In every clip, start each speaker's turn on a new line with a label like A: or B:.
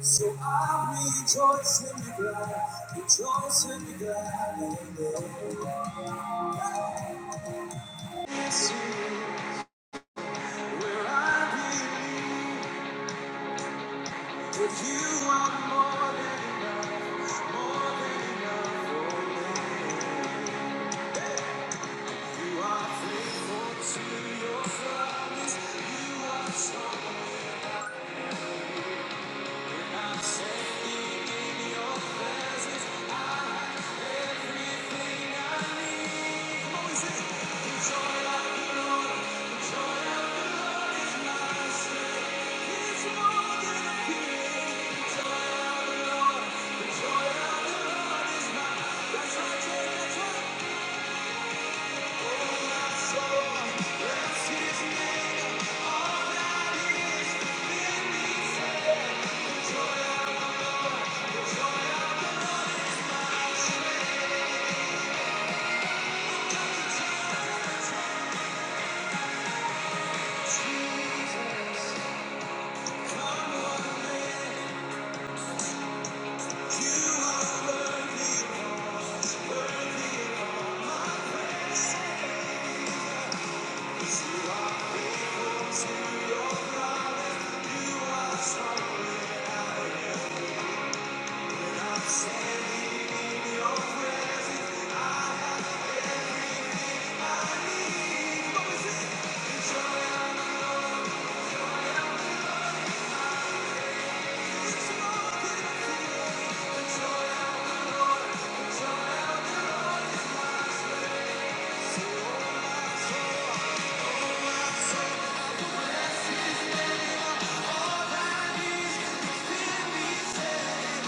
A: So I rejoice and be glad, rejoice and be glad in the Lord. It's you where I believe that you are more than enough, more than enough for me. You are faithful to your promise. You are so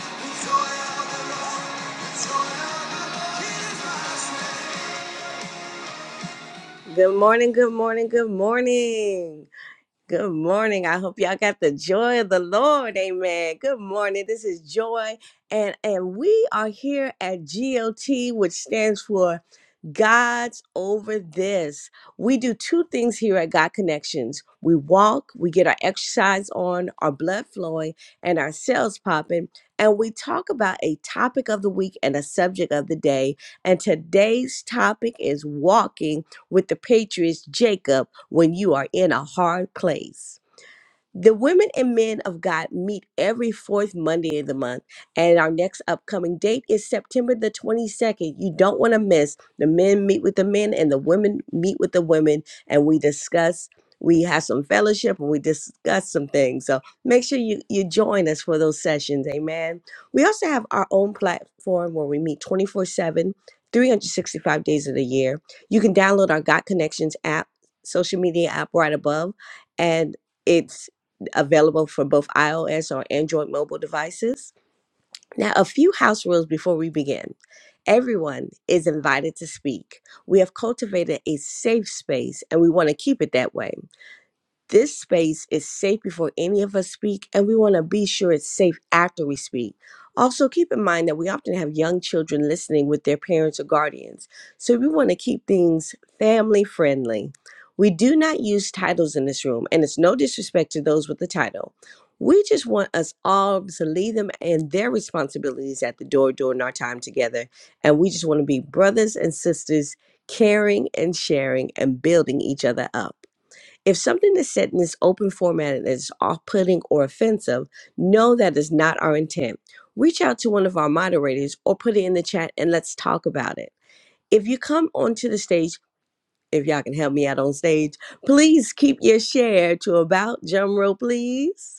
A: the joy of the Lord, joy of the Lord is my. Good morning, good morning, good morning. Good morning. I hope y'all got the joy of the Lord. Amen. Good morning. This is Joy and and we are here at GOT which stands for God's over this. We do two things here at God Connections. We walk, we get our exercise on, our blood flowing, and our cells popping, and we talk about a topic of the week and a subject of the day. And today's topic is walking with the Patriots, Jacob, when you are in a hard place. The women and men of God meet every fourth Monday of the month, and our next upcoming date is September the 22nd. You don't want to miss. The men meet with the men, and the women meet with the women, and we discuss. We have some fellowship and we discuss some things. So make sure you, you join us for those sessions. Amen. We also have our own platform where we meet 24 7, 365 days of the year. You can download our God Connections app, social media app right above, and it's available for both iOS or Android mobile devices. Now, a few house rules before we begin. Everyone is invited to speak. We have cultivated a safe space and we want to keep it that way. This space is safe before any of us speak, and we want to be sure it's safe after we speak. Also, keep in mind that we often have young children listening with their parents or guardians, so we want to keep things family friendly. We do not use titles in this room, and it's no disrespect to those with the title. We just want us all to leave them and their responsibilities at the door during our time together, and we just want to be brothers and sisters, caring and sharing and building each other up. If something is said in this open format and is off putting or offensive, know that is not our intent. Reach out to one of our moderators or put it in the chat and let's talk about it. If you come onto the stage, if y'all can help me out on stage, please keep your share to about drum roll, please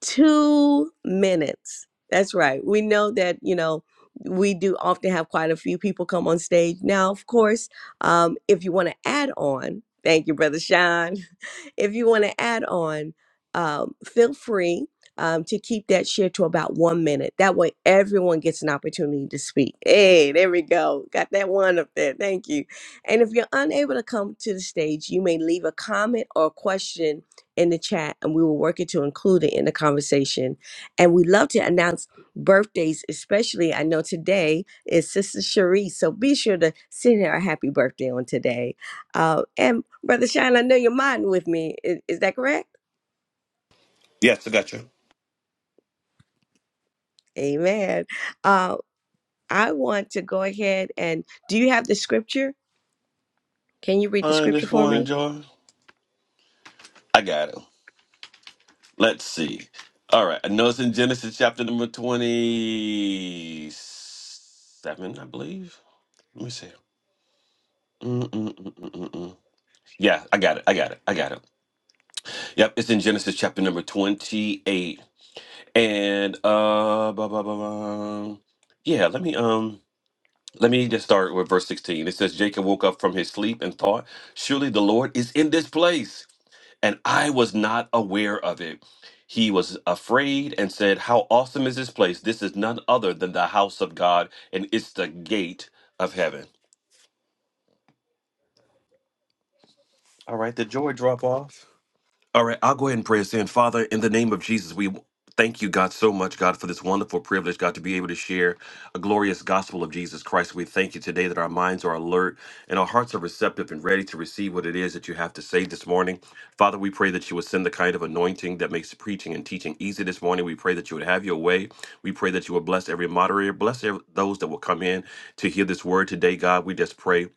A: two minutes. That's right. We know that, you know, we do often have quite a few people come on stage. Now, of course, um, if you want to add on, thank you, Brother Sean. If you want to add on, um, feel free um, to keep that share to about one minute. That way, everyone gets an opportunity to speak. Hey, there we go. Got that one up there. Thank you. And if you're unable to come to the stage, you may leave a comment or question in the chat and we were working to include it in the conversation. And we love to announce birthdays, especially I know today is Sister Cherie. So be sure to send her a happy birthday on today. Uh, and Brother Shine, I know you're modding with me. Is, is that correct?
B: Yes, I got you.
A: Amen. Uh, I want to go ahead and do you have the scripture? Can you read the
B: Fine
A: scripture
B: this
A: for
B: morning,
A: me?
B: Joy. I got it. Let's see. All right. I know it's in Genesis chapter number 27, I believe. Let me see. Mm-mm-mm-mm-mm. Yeah, I got it. I got it. I got it. Yep, it's in Genesis chapter number 28. And uh blah, blah, blah, blah. yeah, let me um let me just start with verse 16. It says Jacob woke up from his sleep and thought, surely the Lord is in this place and I was not aware of it. He was afraid and said, How awesome is this place? This is none other than the house of God, and it's the gate of heaven. All right, the joy drop off. All right, I'll go ahead and pray us in. Father, in the name of Jesus, we thank you, God, so much, God, for this wonderful privilege, God, to be able to share a glorious gospel of Jesus Christ. We thank you today that our minds are alert and our hearts are receptive and ready to receive what it is that you have to say this morning. Father, we pray that you would send the kind of anointing that makes preaching and teaching easy this morning. We pray that you would have your way. We pray that you would bless every moderator, bless ev- those that will come in to hear this word today, God. We just pray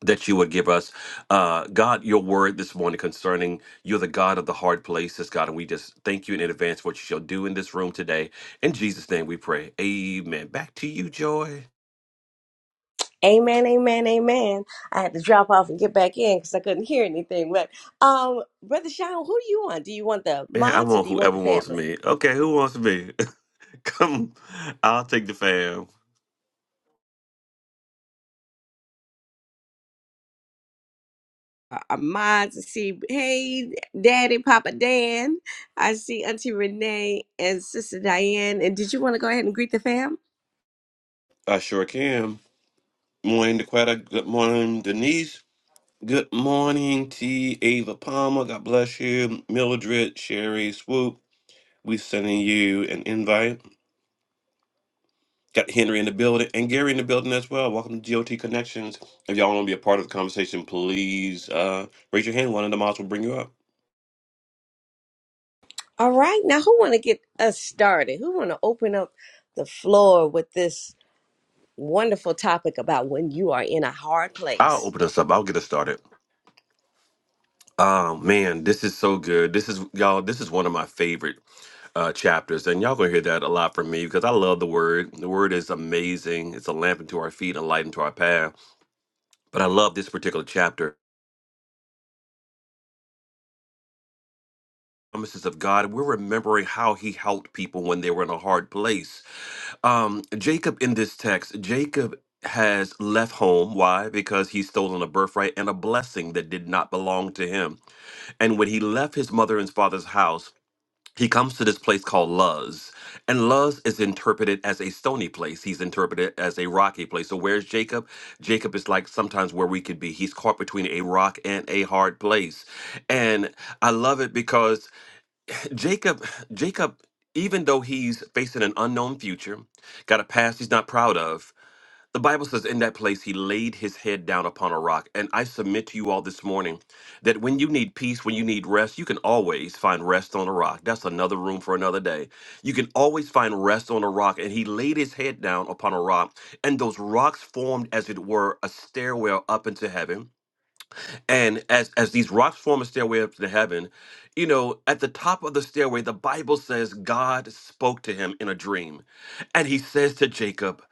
B: that you would give us. Uh, God, your word this morning concerning you're the God of the hard places, God. And we just thank you in advance for what you shall do in this room today. In Jesus' name we pray. Amen. Back to you, Joy.
A: Amen, amen, amen. I had to drop off and get back in because I couldn't hear anything. But um, Brother Sean, who do you want? Do you want the
B: Man, I
A: mods or
B: want
A: do you want
B: whoever
A: the
B: wants
A: family?
B: me. Okay, who wants me? Come, I'll take the fam.
A: Uh, Our mods, I see, hey, Daddy, Papa Dan. I see Auntie Renee and Sister Diane. And did you want to go ahead and greet the fam?
B: I sure can. Morning, Dequetta. Good morning, Denise. Good morning, T. Ava Palmer. God bless you. Mildred, Sherry, Swoop. We sending you an invite. Got Henry in the building and Gary in the building as well. Welcome to GOT Connections. If y'all want to be a part of the conversation, please uh, raise your hand. One of the mods will bring you up.
A: All right, now who want to get us started? Who want to open up the floor with this wonderful topic about when you are in a hard
B: I'll
A: place?
B: open us up. I'll get us started. Oh man, this is so good. This is y'all. This is one of my favorite uh, chapters, and y'all gonna hear that a lot from me because I love the word. The word is amazing. It's a lamp unto our feet, and a light unto our path. But I love this particular chapter. Promises of God. We're remembering how He helped people when they were in a hard place Um, Jacob in this text, Jacob has left home. Why? Because he's stolen a birthright and a blessing that did not belong to him. And when he left his mother and father's house, he comes to this place called Luz. And Luz is interpreted as a stony place. He's interpreted as a rocky place. So where's Jacob? Jacob is like sometimes where we could be. He's caught between a rock and a hard place. And I love it because Jacob, Jacob, even though he's facing an unknown future, got a past he's not proud of, the Bible says in that place he laid his head down upon a rock. And I submit to you all this morning that when you need peace, when you need rest, you can always find rest on a rock. That's another room for another day. You can always find rest on a rock. And he laid his head down upon a rock, and those rocks formed, as it were, a stairwell up into heaven. And as as these rocks form a stairway up to heaven, you know, at the top of the stairway, the Bible says God spoke to him in a dream. And he says to Jacob,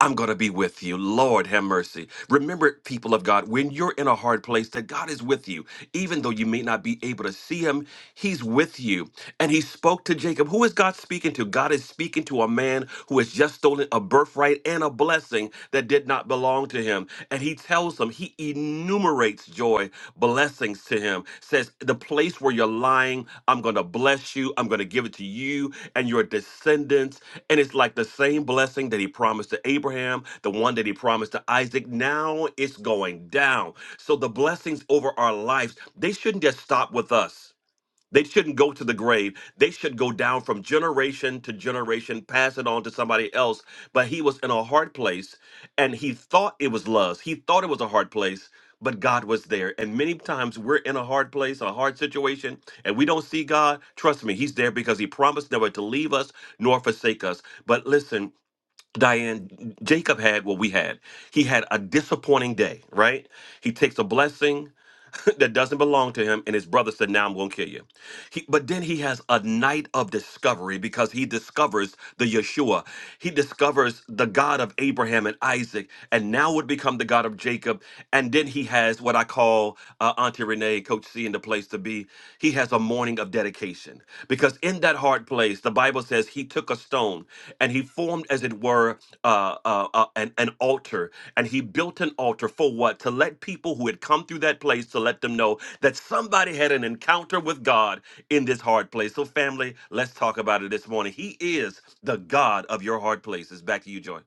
B: I'm going to be with you. Lord, have mercy. Remember, people of God, when you're in a hard place, that God is with you. Even though you may not be able to see him, he's with you. And he spoke to Jacob. Who is God speaking to? God is speaking to a man who has just stolen a birthright and a blessing that did not belong to him. And he tells him, he enumerates joy, blessings to him, says, The place where you're lying, I'm going to bless you. I'm going to give it to you and your descendants. And it's like the same blessing that he promised to Abraham, the one that he promised to Isaac. Now it's going down. So the blessings over our lives, they shouldn't just stop with us they shouldn't go to the grave. They should go down from generation to generation, pass it on to somebody else. But he was in a hard place and he thought it was lust. He thought it was a hard place, but God was there. And many times we're in a hard place, a hard situation, and we don't see God. Trust me, he's there because he promised never to leave us nor forsake us. But listen, Diane, Jacob had what we had. He had a disappointing day, right? He takes a blessing, that doesn't belong to him, and his brother said, "Now I'm going to kill you." He, but then he has a night of discovery because he discovers the Yeshua. He discovers the God of Abraham and Isaac, and now would become the God of Jacob. And then he has what I call uh, Auntie Renee, Coach C, and the place to be. He has a morning of dedication because in that hard place, the Bible says he took a stone and he formed, as it were, uh, uh, uh, an, an altar and he built an altar for what? To let people who had come through that place to let them know that somebody had an encounter with God in this hard place. So, family, let's talk about it this morning. He is the God of your hard places. Back to you, Joy.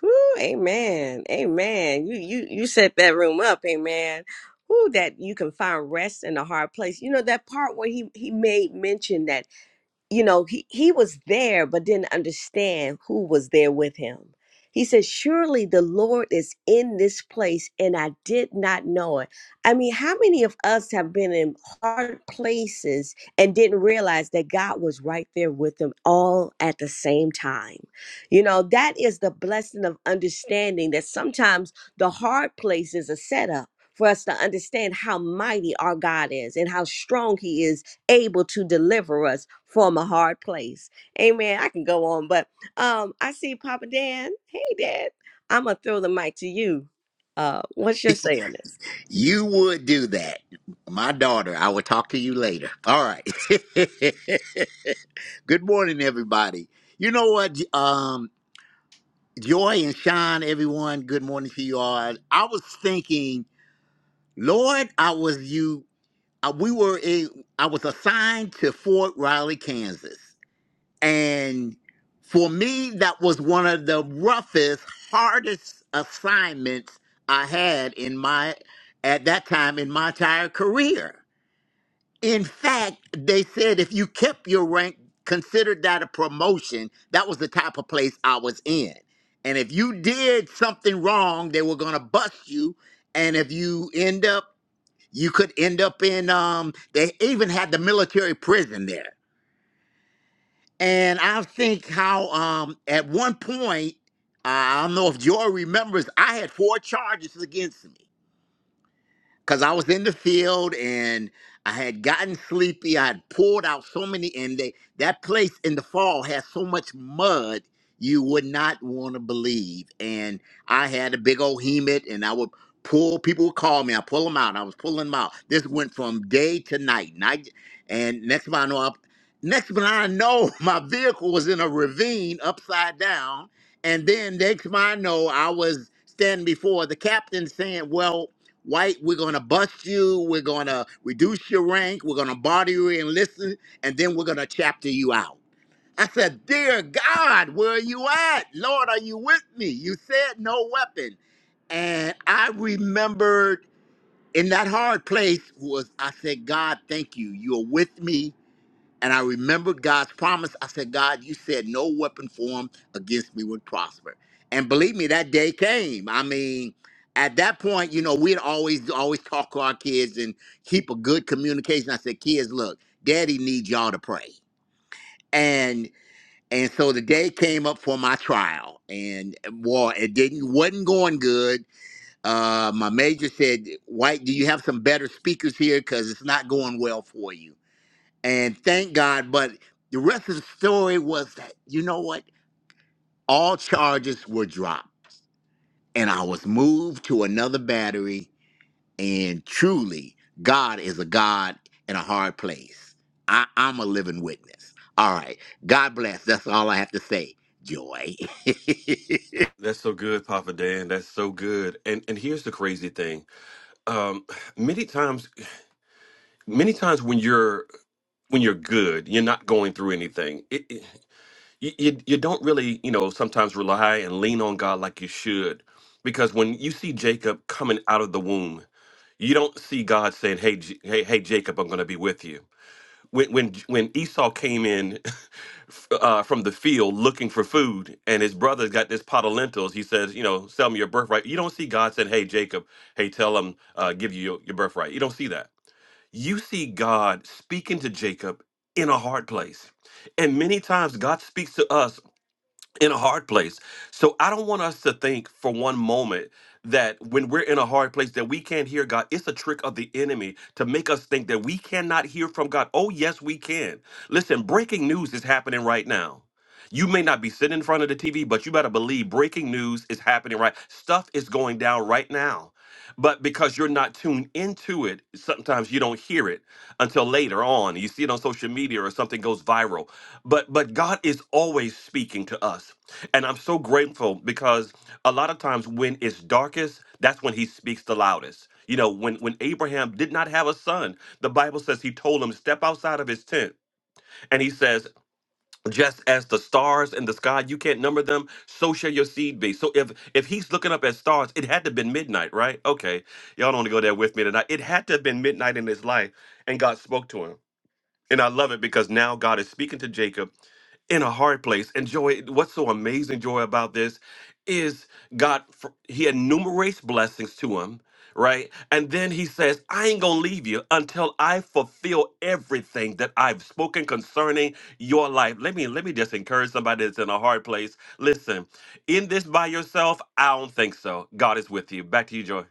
A: Whew, amen, amen. You you you set that room up, amen. Who that you can find rest in a hard place. You know that part where he he made mention that you know, he, he was there, but didn't understand who was there with him. He said, Surely the Lord is in this place, and I did not know it. I mean, how many of us have been in hard places and didn't realize that God was right there with them all at the same time? You know, that is the blessing of understanding that sometimes the hard place is a setup for us to understand how mighty our God is and how strong He is able to deliver us from a hard place. Amen. I can go on, but um, I see Papa Dan. Hey, Dad. I'm gonna throw the mic to you. Uh, what's your say on this?
C: You would do that. My daughter, I will talk to you later. All right. good morning, everybody. You know what? Um, Joy and Sean, everyone, good morning to you all. I was thinking, Lord, I was you. I, we were in, I was assigned to Fort Riley, Kansas. And for me, that was one of the roughest, hardest assignments I had in my, at that time in my entire career In fact, they said if you kept your rank, considered that a promotion. That was the type of place I was in. And if you did something wrong, they were going to bust you. And if you end up, you could end up in, um, they even had the military prison there. And I think how um, at one point, I don't know if Joy remembers, I had four charges against me because I was in the field and I had gotten sleepy. I had poured out so many, and they that place in the fall has so much mud you would not want to believe. And I had a big old hemet, and I would pull people would call me. I pull them out. I was pulling them out. This went from day to night, and I j- and next thing I know, I, next thing I know, my vehicle was in a ravine upside down, and then next thing I know, I was standing before the captain saying, "Well." White, we're going to bust you. We're going to reduce your rank. We're going to body you and listen. And then we're going to chapter you out. I said, Dear God, where are you at? Lord, are you with me? You said no weapon. And I remembered in that hard place was, I said, God, thank you. You're with me and I remembered God's promise. I said, God, you said no weapon formed against me would prosper. And believe me, that day came. I mean, at that point, you know, we'd always always talk to our kids and keep a good communication. I said, kids, look, daddy needs y'all to pray. And and so the day came up for my trial. And well, it didn't wasn't going good. Uh my major said, White, do you have some better speakers here? Cause it's not going well for you and thank God. But the rest of the story was that you know what? All charges were dropped, and I was moved to another battery. And truly, God is a God in a hard place. I, I'm a living witness. All right, God bless. That's all I have to say. Joy.
B: That's so good, Papa Dan. That's so good. And and here's the crazy thing. Um, many times, many times when you're when you're good, you're not going through anything. It, it, you, you you don't really you know sometimes rely and lean on God like you should because when you see Jacob coming out of the womb you don't see God saying hey J- hey hey Jacob I'm going to be with you when when J- when Esau came in f- uh, from the field looking for food and his brother's got this pot of lentils he says you know sell me your birthright you don't see God saying hey Jacob hey tell him uh, give you your, your birthright you don't see that you see God speaking to Jacob in a hard place and many times God speaks to us in a hard place. So I don't want us to think for one moment that when we're in a hard place that we can't hear God. It's a trick of the enemy to make us think that we cannot hear from God. Oh yes, we can. Listen, breaking news is happening right now. You may not be sitting in front of the TV, but you better believe breaking news is happening right. Stuff is going down right now. But because you're not tuned into it, sometimes you don't hear it until later on. You see it on social media or something goes viral but but God is always speaking to us. And I'm so grateful because a lot of times when it's darkest, that's when he speaks the loudest. You know, when when Abraham did not have a son, the Bible says he told him step outside of his tent. And he says, just as the stars in the sky, you can't number them, so shall your seed be. So if if he's looking up at stars, it had to have been midnight, right? Okay. Y'all don't want to go there with me tonight. It had to have been midnight in his life and God spoke to him. And I love it because now God is speaking to Jacob in a hard place. And joy, what's so amazing, joy, about this is God, fr- He enumerates blessings to him, right? And then He says, I ain't gonna leave you until I fulfill everything that I've spoken concerning your life. Let me let me just encourage somebody that's in a hard place. Listen, in this by yourself, I don't think so. God is with you. Back to you, Joy.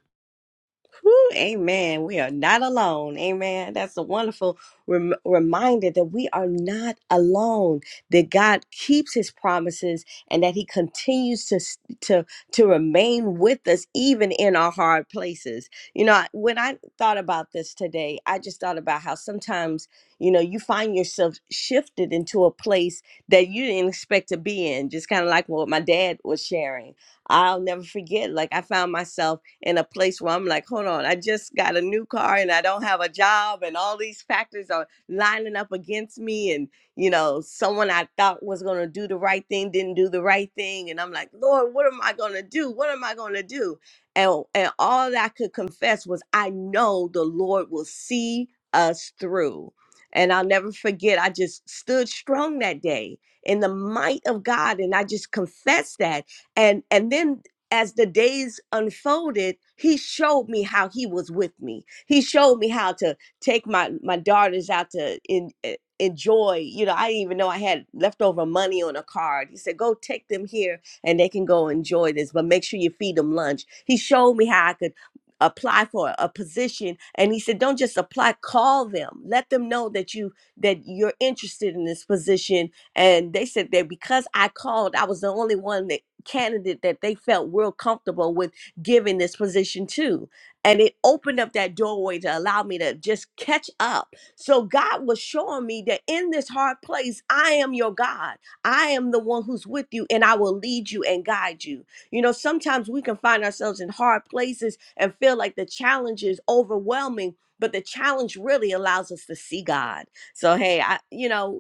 A: Whew, amen. We are not alone. Amen. That's a wonderful rem- reminder that we are not alone. That God keeps His promises and that He continues to s- to to remain with us even in our hard places. You know, I- when I thought about this today, I just thought about how sometimes you know you find yourself shifted into a place that you didn't expect to be in. Just kind of like what my dad was sharing I'll never forget. Like I found myself in a place where I'm like, hold on, I just got a new car and I don't have a job, and all these factors are lining up against me. And you know, someone I thought was gonna do the right thing didn't do the right thing, and I'm like, Lord, what am I gonna do? What am I gonna do? And and all that I could confess was, I know the Lord will see us through. And I'll never forget, I just stood strong that day in the might of God. And I just confessed that and and then as the days unfolded he showed me how he was with me he showed me how to take my my daughters out to in, eh, enjoy you know i didn't even know i had leftover money on a card he said go take them here and they can go enjoy this but make sure you feed them lunch he showed me how i could apply for a position and he said don't just apply call them let them know that you that you're interested in this position and they said that because I called, I was the only one that candidate that they felt real comfortable with giving this position to. And it opened up that doorway to allow me to just catch up. So God was showing me that in this hard place, I am your God. I am the one who's with you and I will lead you and guide you. You know, sometimes we can find ourselves in hard places and feel like the challenge is overwhelming, but the challenge really allows us to see God. So, hey, I, you know,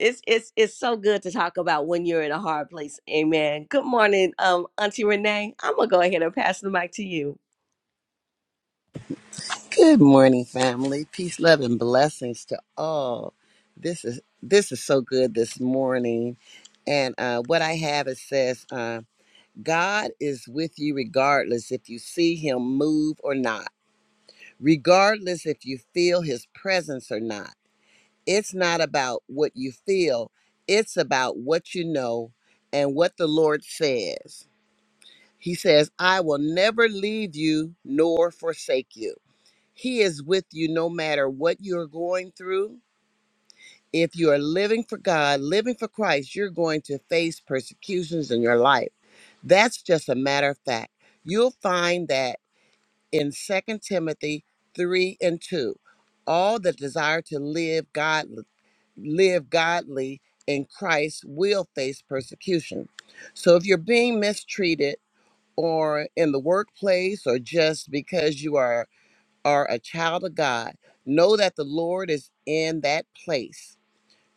A: it's it's it's so good to talk about when you're in a hard place. Amen. Good morning, um, Auntie Renee. I'm gonna go ahead and pass the mic to you.
D: Good morning, family. Peace, love, and blessings to all. This is this is so good this morning, and uh, what I have it says, uh, God is with you regardless if you see Him move or not, regardless if you feel His presence or not. It's not about what you feel; it's about what you know and what the Lord says. He says, "I will never leave you nor forsake you." He is with you no matter what you're going through. If you are living for God, living for Christ, you're going to face persecutions in your life. That's just a matter of fact. You'll find that in Second Timothy 3 and 2. All that desire to live godly, live godly in Christ will face persecution. So if you're being mistreated or in the workplace or just because you are are a child of God, know that the Lord is in that place.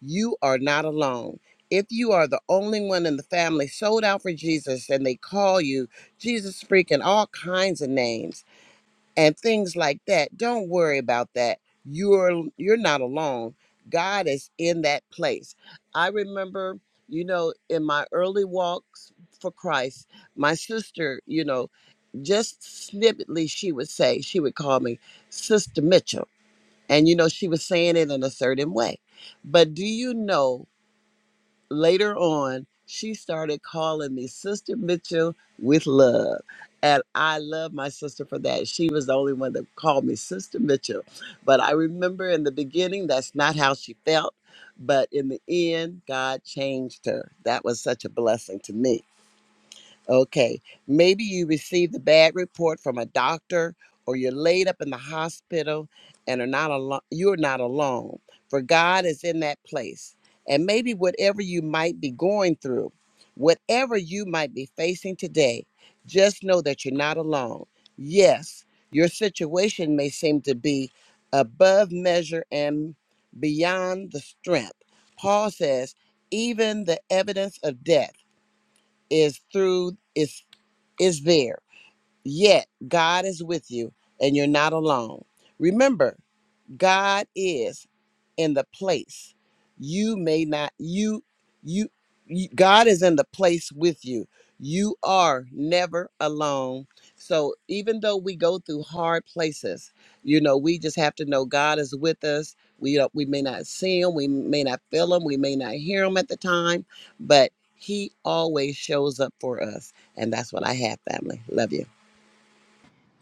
D: You are not alone. If you are the only one in the family sold out for Jesus and they call you Jesus freak and all kinds of names and things like that, don't worry about that. You're you're not alone. God is in that place. I remember, you know, in my early walks for Christ, my sister, you know, just snippetly she would say she would call me sister mitchell and you know she was saying it in a certain way but do you know later on she started calling me sister mitchell with love and i love my sister for that she was the only one that called me sister mitchell but i remember in the beginning that's not how she felt but in the end god changed her that was such a blessing to me Okay. Maybe you received a bad report from a doctor or you're laid up in the hospital and are not alone you're not alone. For God is in that place. And maybe whatever you might be going through, whatever you might be facing today, just know that you're not alone. Yes, your situation may seem to be above measure and beyond the strength. Paul says, even the evidence of death is through is is there. Yet God is with you and you're not alone. Remember, God is in the place. You may not you you, you God is in the place with you. You are never alone. So even though we go through hard places, you know, we just have to know God is with us. We don't, we may not see him, we may not feel him, we may not hear him at the time, but he always shows up for us. And that's what I have, family. Love you.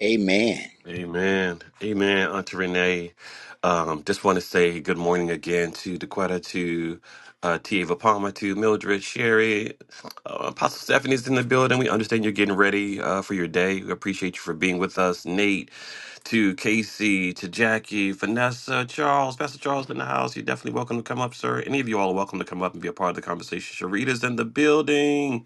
C: Amen.
B: Amen. Amen, Aunt Renee. Um, just want to say good morning again to Dequetta, to uh, T. Ava Palmer, to Mildred, Sherry. Uh, Apostle Stephanie's in the building. We understand you're getting ready uh, for your day. We appreciate you for being with us. Nate, to Casey, to Jackie, Vanessa, Charles, Pastor Charles in the house. You're definitely welcome to come up, sir. Any of you all are welcome to come up and be a part of the conversation. Sharita's in the building.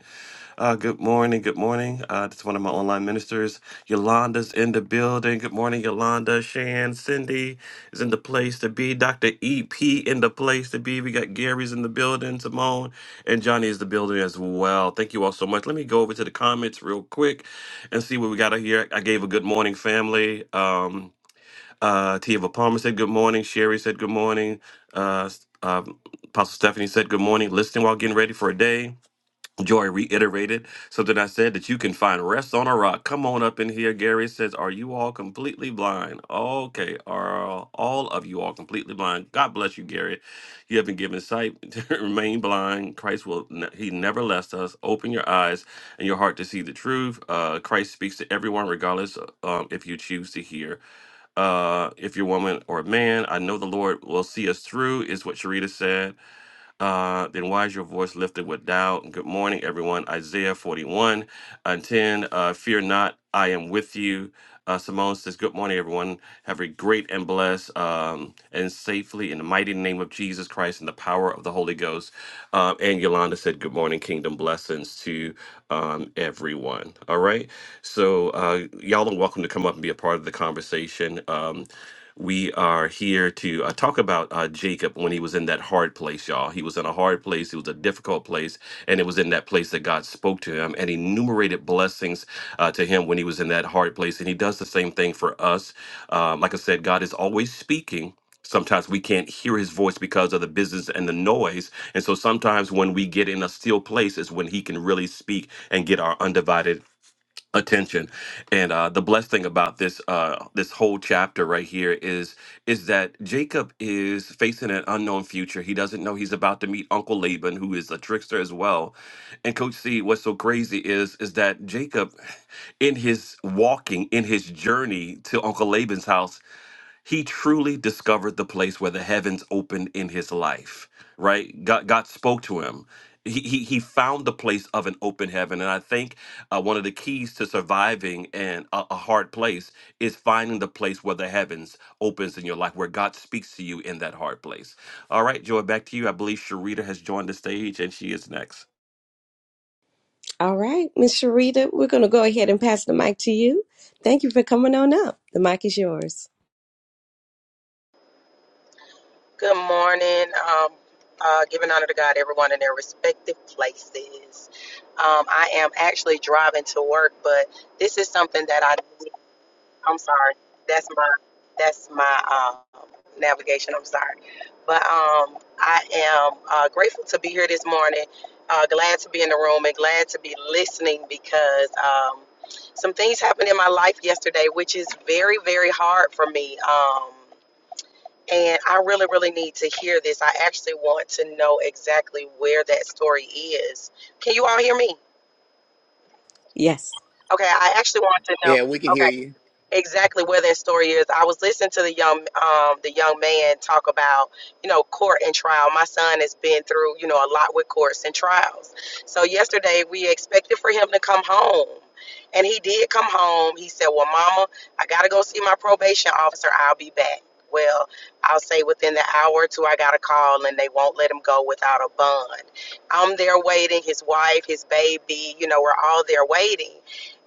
B: Uh, good morning. Good morning. Uh, this is one of my online ministers. Yolanda's in the building. Good morning, Yolanda. Shan, Cindy is in the place to be. Dr. EP in the place to be. We got Gary's in the building. Simone and Johnny is the building as well. Thank you all so much. Let me go over to the comments real quick and see what we got out here. I gave a good morning, family. Um, uh, Tiva Palmer said good morning. Sherry said good morning. Uh, s- uh, Apostle Stephanie said good morning. Listening while getting ready for a day. Joy reiterated something I said that you can find rest on a rock. Come on up in here. Gary says, Are you all completely blind? Okay, are all of you all completely blind? God bless you, Gary. You have been given sight. Remain blind. Christ will, ne- He never left us. Open your eyes and your heart to see the truth. Uh, Christ speaks to everyone, regardless um, if you choose to hear. Uh, if you're a woman or a man, I know the Lord will see us through, is what Sharita said uh, then why is your voice lifted with doubt? And good morning, everyone. Isaiah 41 and 10. Uh, Fear not, I am with you. Uh, Simone says, Good morning, everyone. Have a great and blessed um, and safely in the mighty name of Jesus Christ and the power of the Holy Ghost. Um, and Yolanda said, Good morning, kingdom blessings to um, everyone. All right. So, uh, y'all are welcome to come up and be a part of the conversation. Um, we are here to uh, talk about uh, Jacob when he was in that hard place, y'all. He was in a hard place, it was a difficult place, and it was in that place that God spoke to him and enumerated blessings uh, to him when he was in that hard place. And he does the same thing for us. Um, like I said, God is always speaking. Sometimes we can't hear his voice because of the business and the noise. And so sometimes when we get in a still place is when he can really speak and get our undivided attention and uh the blessed thing about this uh this whole chapter right here is is that jacob is facing an unknown future he doesn't know he's about to meet uncle laban who is a trickster as well and coach c what's so crazy is is that jacob in his walking in his journey to uncle laban's house he truly discovered the place where the heavens opened in his life right god, god spoke to him he, he, he found the place of an open heaven and i think uh, one of the keys to surviving in a, a hard place is finding the place where the heavens opens in your life where god speaks to you in that hard place all right joy back to you i believe sharita has joined the stage and she is next
A: All right, Miss Sharita, we're gonna go ahead and pass the mic to you. Thank you for coming on up. The mic is yours.
E: Good morning. Um, uh, giving honor to God, everyone in their respective places. Um, I am actually driving to work, but this is something that I. I'm sorry. That's my. That's my um, navigation. I'm sorry, but um, I am uh, grateful to be here this morning. Uh, glad to be in the room and glad to be listening because um, some things happened in my life yesterday, which is very, very hard for me. Um, and I really, really need to hear this. I actually want to know exactly where that story is. Can you all hear me?
A: Yes.
E: Okay, I actually want to know.
C: Yeah, we can
E: Okay
C: hear you.
E: exactly where that story is. I was listening to the young um the young man talk about, you know, court and trial. My son has been through, you know, a lot with courts and trials. So yesterday we expected for him to come home. And he did come home. He said, Well, mama, I gotta go see my probation officer. I'll be back. Well, I'll say within the hour or two I got a call and they won't let him go without a bond. I'm there waiting, his wife, his baby, you know, we're all there waiting.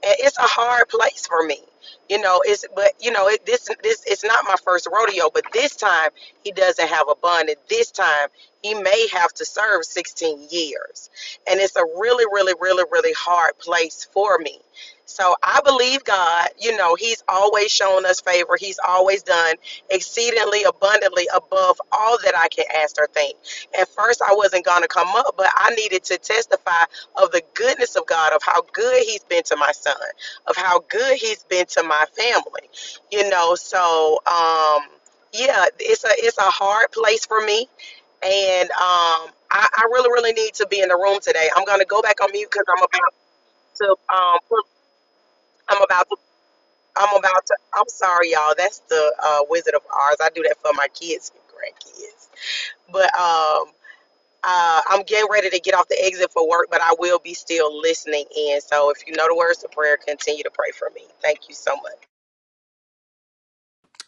E: And it's a hard place for me you know it's but you know it, this this it's not my first rodeo but this time he doesn't have a bond and this time he may have to serve 16 years and it's a really really really really hard place for me so i believe god you know he's always shown us favor he's always done exceedingly abundantly above all that i can ask or think at first i wasn't going to come up but i needed to testify of the goodness of god of how good he's been to my son of how good he's been to my family. You know, so um yeah, it's a it's a hard place for me and um I, I really really need to be in the room today. I'm going to go back on mute cuz I'm about to um put- I'm about to I'm about to I'm sorry y'all. That's the uh Wizard of Oz. I do that for my kids and grandkids. But um uh, I'm getting ready to get off the exit for work, but I will be still listening in. So if you know the words to prayer, continue to pray for me. Thank you so much.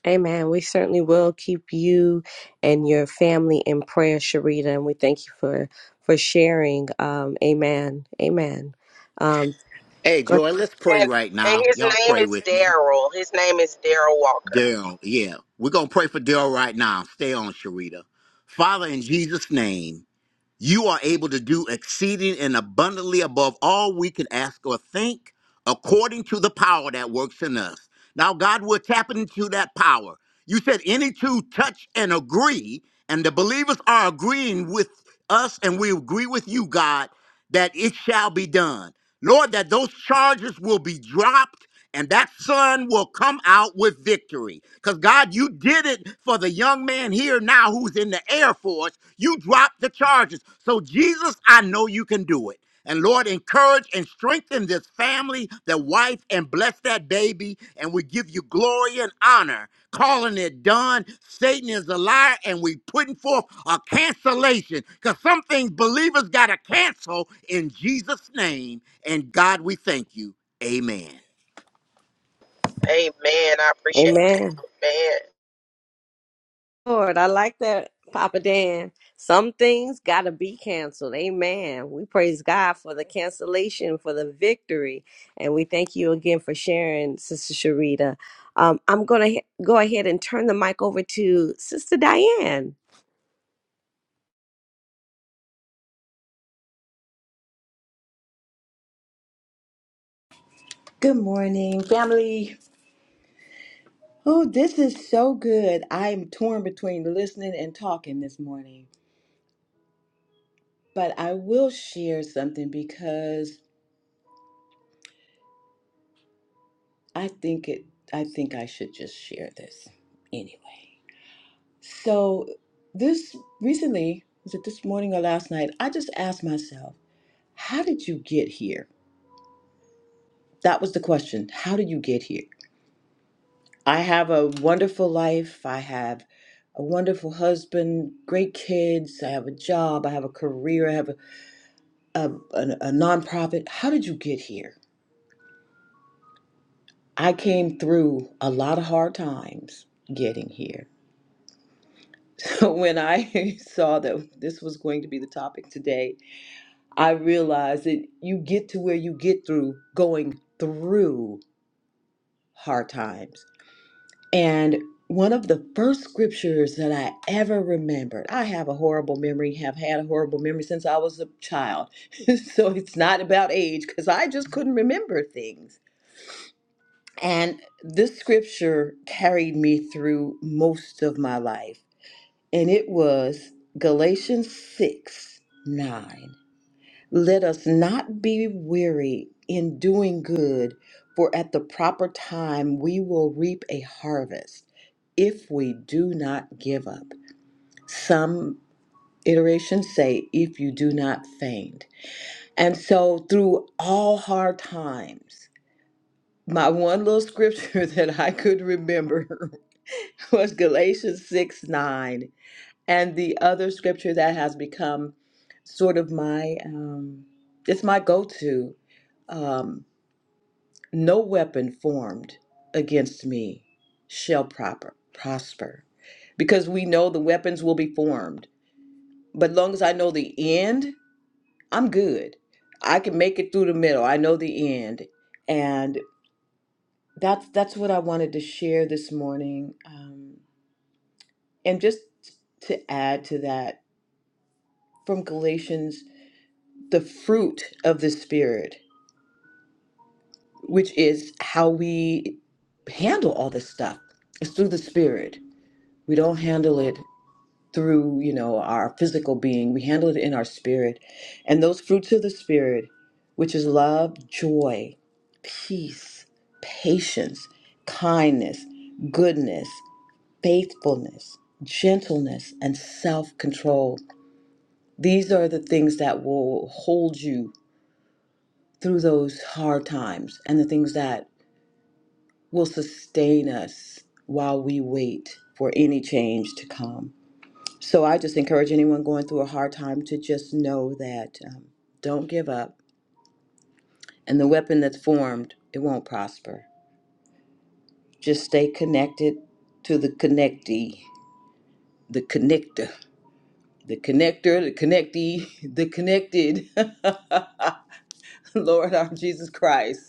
A: Amen. We certainly will keep you and your family in prayer, Sharita, and we thank you for for sharing. Um, amen. Amen. Um,
C: Hey,
A: go-
C: Joy, let's pray
E: And
C: right
E: and
C: now.
E: his
C: Y'all
E: name
C: pray
E: is
C: with me.
E: Daryl. His name is Daryl Walker.
C: Daryl, yeah. We're going to pray for Daryl right now. Stay on, Sharita. Father, in Jesus' name, you are able to do exceeding and abundantly above all we can ask or think according to the power that works in us. Now, God, we're tapping into that power. You said any two touch and agree, and the believers are agreeing with us, and we agree with you, God, that it shall be done. Lord, that those charges will be dropped and that son will come out with victory. Because God, you did it for the young man here now who's in the Air Force. You dropped the charges. So, Jesus, I know you can do it. And Lord, encourage and strengthen this family, the wife, and bless that baby. And we give you glory and honor, calling it done. Satan is a liar, and we putting forth a cancellation because some things believers got to cancel in Jesus' name. And God, we thank you. Amen.
E: Amen. I appreciate
A: amen.
E: that.
A: Lord, I like that, Papa Dan. Some things gotta be canceled. Amen. We praise God for the cancellation, for the victory, and we thank you again for sharing, Sister Sharita. Um, I'm gonna he- go ahead and turn the mic over to Sister Diane.
F: Good morning, family. Oh, this is so good. I am torn between listening and talking this morning, but I will share something because I think it I think I should just share this anyway. So, this recently, was it this morning or last night? I just asked myself, how did you get here? That was the question. How did you get here? I have a wonderful life. I have a wonderful husband, great kids. I have a job. I have a career. I have a, a, a, a nonprofit. How did you get here? I came through a lot of hard times getting here. So when I saw that this was going to be the topic today, I realized that you get to where you get through going through hard times. And one of the first scriptures that I ever remembered, I have a horrible memory, have had a horrible memory since I was a child. so it's not about age because I just couldn't remember things. And this scripture carried me through most of my life. And it was Galatians 6 9. Let us not be weary in doing good, for at the proper time we will reap a harvest if we do not give up. Some iterations say, if you do not faint. And so, through all hard times, my one little scripture that I could remember was Galatians 6 9. And the other scripture that has become sort of my, um, it's my go to um, no weapon formed against me shall proper, prosper. Because we know the weapons will be formed. But long as I know the end, I'm good. I can make it through the middle. I know the end. And that's that's what I wanted to share this morning. Um, and just to add to that, from Galatians the fruit of the Spirit, which is how we handle all this stuff. It's through the Spirit. We don't handle it through, you know, our physical being. We handle it in our spirit. And those fruits of the Spirit, which is love, joy, peace, patience, kindness, goodness, faithfulness, gentleness, and self control. These are the things that will hold you through those hard times and the things that will sustain us while we wait for any change to come. So I just encourage anyone going through a hard time to just know that um, don't give up. And the weapon that's formed, it won't prosper. Just stay connected to the connectee, the connector, the connector, the connectee, the connected. Lord our Jesus Christ.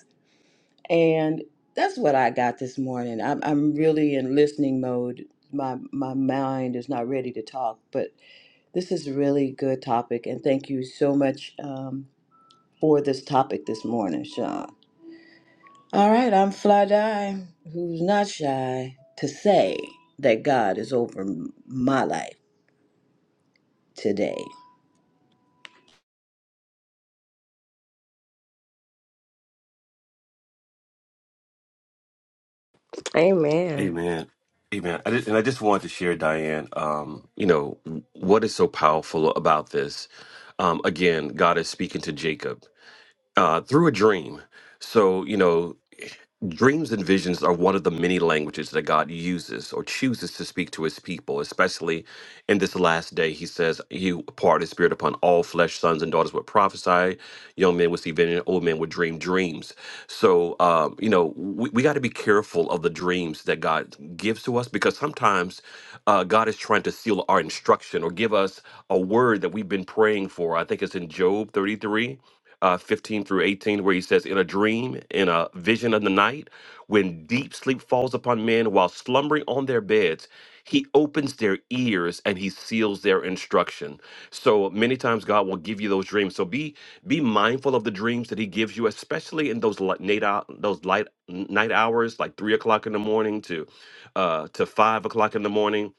F: And that's what I got this morning. I'm, I'm really in listening mode. My, my mind is not ready to talk, but this is a really good topic. And thank you so much um, for this topic this morning, Sean. All right, I'm Fly Die, who's not shy to say that God is over m- my life today.
A: Amen.
B: Amen. Amen. I just, and I just wanted to share, Diane, um, you know, what is so powerful about this? Um, again, God is speaking to Jacob uh, through a dream. So, you know, Dreams and visions are one of the many languages that God uses or chooses to speak to his people, especially in this last day. He says, He will pour out his spirit upon all flesh, sons and daughters would prophesy, young men would see vision, old men would dream dreams. So, um, you know, we, we got to be careful of the dreams that God gives to us because sometimes uh, God is trying to seal our instruction or give us a word that we've been praying for. I think it's in Job 33 uh, 15 through 18, where he says, In a dream, in a vision of the night, when deep sleep falls upon men while slumbering on their beds, he opens their ears and he seals their instruction. So many times God will give you those dreams. So be be mindful of the dreams that He gives you, especially in those li- night late those light night hours, like three o'clock in the morning to uh, to five o'clock in the morning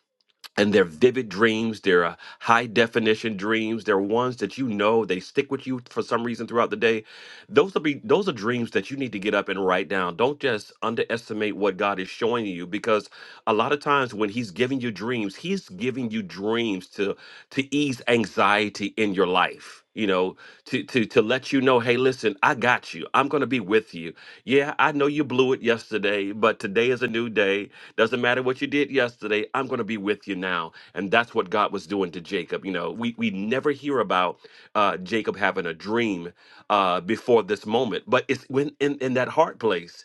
B: and they're vivid dreams they're uh, high definition dreams they're ones that you know they stick with you for some reason throughout the day those will be those are dreams that you need to get up and write down don't just underestimate what god is showing you because a lot of times when he's giving you dreams he's giving you dreams to to ease anxiety in your life you know to to to let you know hey listen i got you i'm going to be with you yeah i know you blew it yesterday but today is a new day doesn't matter what you did yesterday i'm going to be with you now and that's what god was doing to jacob you know we we never hear about uh jacob having a dream uh before this moment but it's when in in that hard place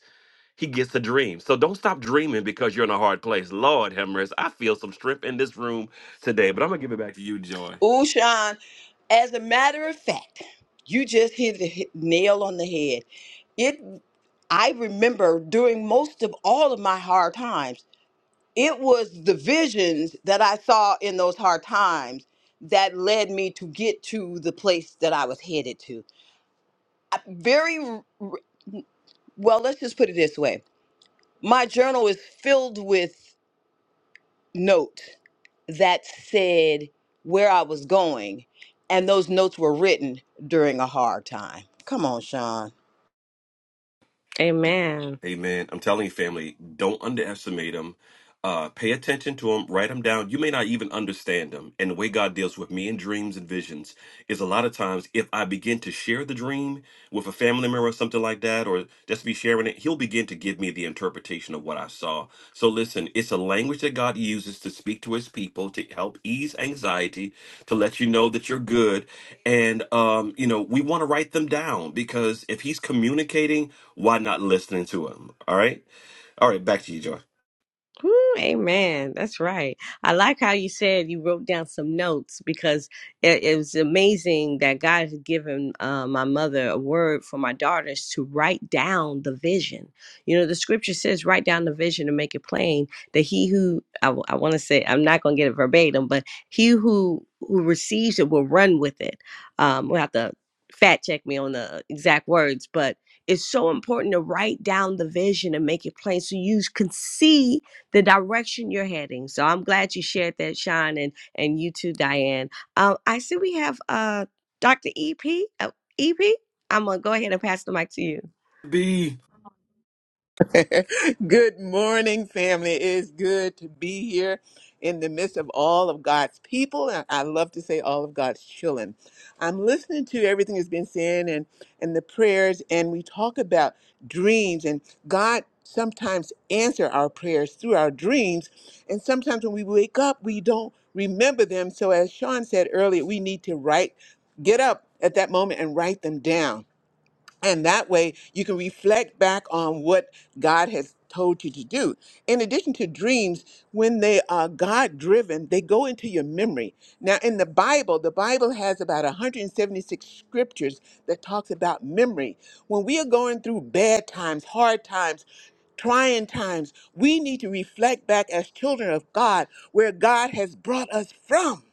B: he gets a dream. So don't stop dreaming because you're in a hard place. Lord have mercy. I feel some strength in this room today, but I'm going to give it back to you, Joy.
F: Ooh, Sean, as a matter of fact, you just hit the hit- nail on the head. It I remember during most of all of my hard times, it was the visions that I saw in those hard times that led me to get to the place that I was headed to. I- Very r- r- well, let's just put it this way. My journal is filled with note that said where I was going, and those notes were written during a hard time. Come on, Sean.
A: Amen.
B: Amen. I'm telling you, family, don't underestimate them. Uh, pay attention to them. Write them down. You may not even understand them. And the way God deals with me in dreams and visions is a lot of times if I begin to share the dream with a family member or something like that, or just be sharing it, He'll begin to give me the interpretation of what I saw. So listen, it's a language that God uses to speak to His people to help ease anxiety, to let you know that you're good, and um, you know we want to write them down because if He's communicating why not listening to him? All right. All right. Back to you, Joy.
A: Woo, amen. That's right. I like how you said you wrote down some notes because it, it was amazing that God had given uh, my mother a word for my daughters to write down the vision. You know, the scripture says, write down the vision and make it plain that he who, I, w- I want to say, I'm not going to get it verbatim, but he who who receives it will run with it. Um, we'll have to fact check me on the exact words, but it's so important to write down the vision and make it plain so you can see the direction you're heading. So I'm glad you shared that, Sean, and and you too, Diane. Um, I see we have uh, Dr. EP. Uh, EP, I'm gonna go ahead and pass the mic to you.
B: B.
G: good morning, family. It is good to be here in the midst of all of God's people. And I love to say all of God's children. I'm listening to everything that's been said and, and the prayers, and we talk about dreams and God sometimes answer our prayers through our dreams. And sometimes when we wake up, we don't remember them. So as Sean said earlier, we need to write, get up at that moment and write them down and that way you can reflect back on what God has told you to do. In addition to dreams, when they are God driven, they go into your memory. Now in the Bible, the Bible has about 176 scriptures that talks about memory. When we are going through bad times, hard times, trying times, we need to reflect back as children of God where God has brought us from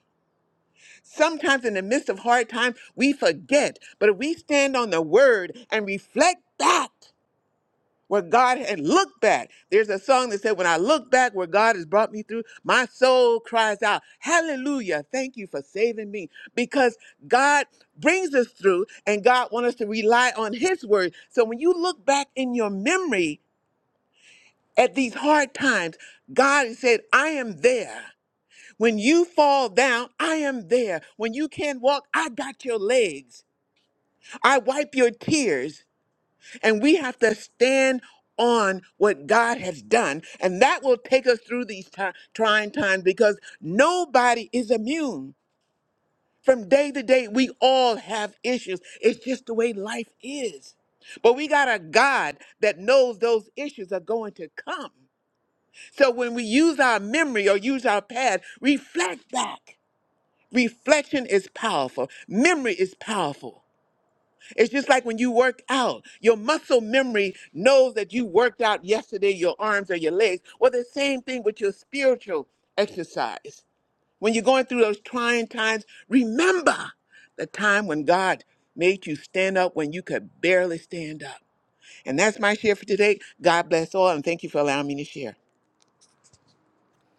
G: Sometimes in the midst of hard times, we forget. But if we stand on the word and reflect back where God had looked back, there's a song that said, When I look back where God has brought me through, my soul cries out, Hallelujah, thank you for saving me. Because God brings us through and God wants us to rely on His word. So when you look back in your memory at these hard times, God said, I am there. When you fall down, I am there. When you can't walk, I got your legs. I wipe your tears. And we have to stand on what God has done. And that will take us through these ti- trying times because nobody is immune. From day to day, we all have issues. It's just the way life is. But we got a God that knows those issues are going to come. So when we use our memory or use our past, reflect back Reflection is powerful. Memory is powerful. It's just like when you work out, your muscle memory knows that you worked out yesterday, your arms or your legs. Well, the same thing with your spiritual exercise. When you're going through those trying times, remember the time when God made you stand up when you could barely stand up. And that's my share for today. God bless all, and thank you for allowing me to share.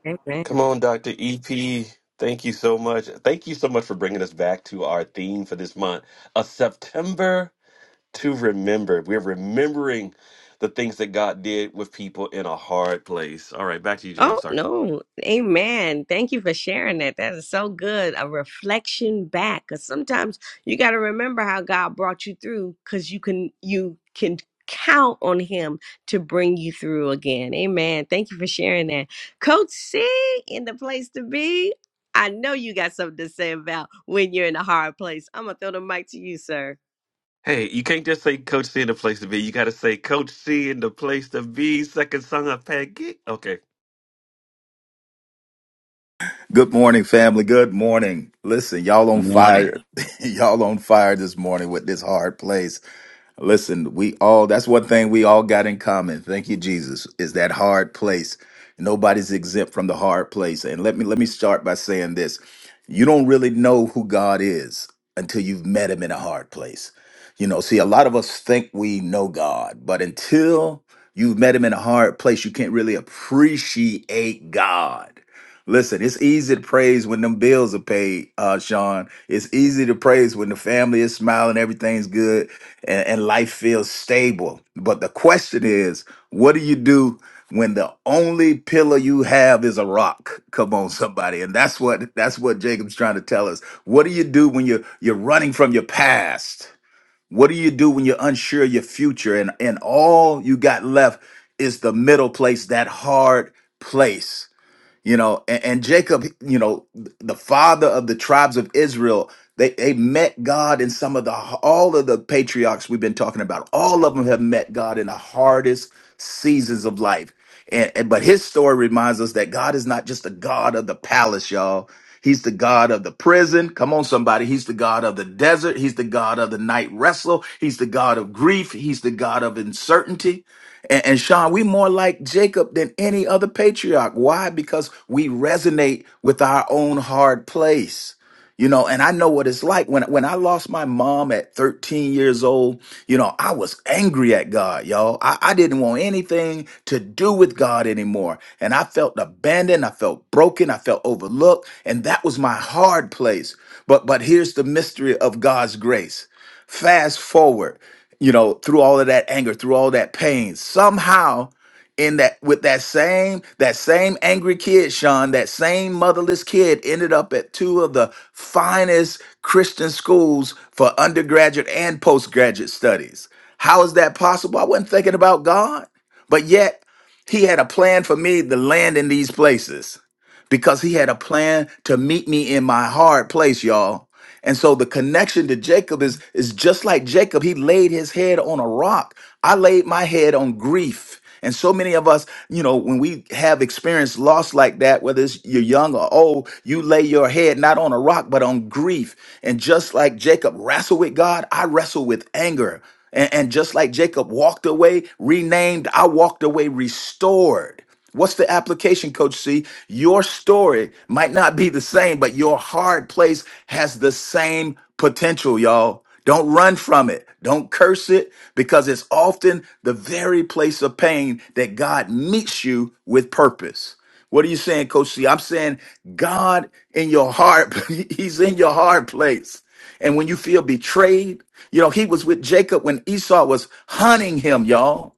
A: Amen.
B: Come on, Dr. EP. Thank you so much. Thank you so much for bringing us back to our theme for this month a September to remember. We're remembering the things that God did with people in a hard place. All right, back to you, Joy. I'm
A: Oh,
B: sorry.
A: no. Amen. Thank you for sharing that. That is so good. A reflection back. Because sometimes you got to remember how God brought you through because you can, you can count on him to bring you through again. Amen. Thank you for sharing that. Coach C in the place to be. I know you got something to say about when you're in a hard place. I'm going to throw the mic to you, sir.
B: Hey, you can't just say Coach C in the place to be. You got to say Coach C in the place to be. Second son of Peggy. Okay.
H: Good morning, family. Good morning. Listen, y'all on
C: Morning.
H: fire. y'all on fire this morning with this hard place. Listen, we all, that's one thing we all got in common. Thank you, Jesus, is that hard place. Nobody's exempt from the hard place. And let me let me start by saying this. You don't really know who God is until you've met him in a hard place. You know, see, a lot of us think we know God, but until you've met him in a hard place, you can't really appreciate God. Listen, it's easy to praise when them bills are paid, uh, Sean. It's easy to praise when the family is smiling, everything's good, and, and life feels stable. But the question is, what do you do when the only pillar you have is a rock? Come on, somebody. And that's what that's what Jacob's trying to tell us. What do you do when you're you're running from your past? What do you do when you're unsure of your future and, and all you got left is the middle place, that hard place? you know and, and jacob you know the father of the tribes of israel they, they met god in some of the all of the patriarchs we've been talking about all of them have met god in the hardest seasons of life and, and but his story reminds us that god is not just the god of the palace y'all he's the god of the prison come on somebody he's the god of the desert he's the god of the night wrestle he's the god of grief he's the god of uncertainty and, and Sean, we more like Jacob than any other patriarch. Why? Because we resonate with our own hard place. You know, and I know what it's like when when I lost my mom at 13 years old, you know, I was angry at God, y'all. I, I didn't want anything to do with God anymore. And I felt abandoned, I felt broken, I felt overlooked, and that was my hard place. But but here's the mystery of God's grace. Fast forward, you know, through all of that anger, through all that pain, somehow in that with that same that same angry kid sean that same motherless kid ended up at two of the finest christian schools for undergraduate and postgraduate studies how is that possible i wasn't thinking about god but yet he had a plan for me to land in these places because he had a plan to meet me in my hard place y'all and so the connection to Jacob is is just like Jacob, he laid his head on a rock. I laid my head on grief. And so many of us, you know, when we have experienced loss like that, whether it's you're young or old, you lay your head not on a rock, but on grief. And just like Jacob wrestled with God, I wrestle with anger. And, and just like Jacob walked away renamed, I walked away restored. What's the application, Coach C? Your story might not be the same, but your hard place has the same potential, y'all. Don't run from it. Don't curse it because it's often the very place of pain that God meets you with purpose. What are you saying, Coach C? I'm saying God in your heart, He's in your hard place. And when you feel betrayed, you know, He was with Jacob when Esau was hunting him, y'all.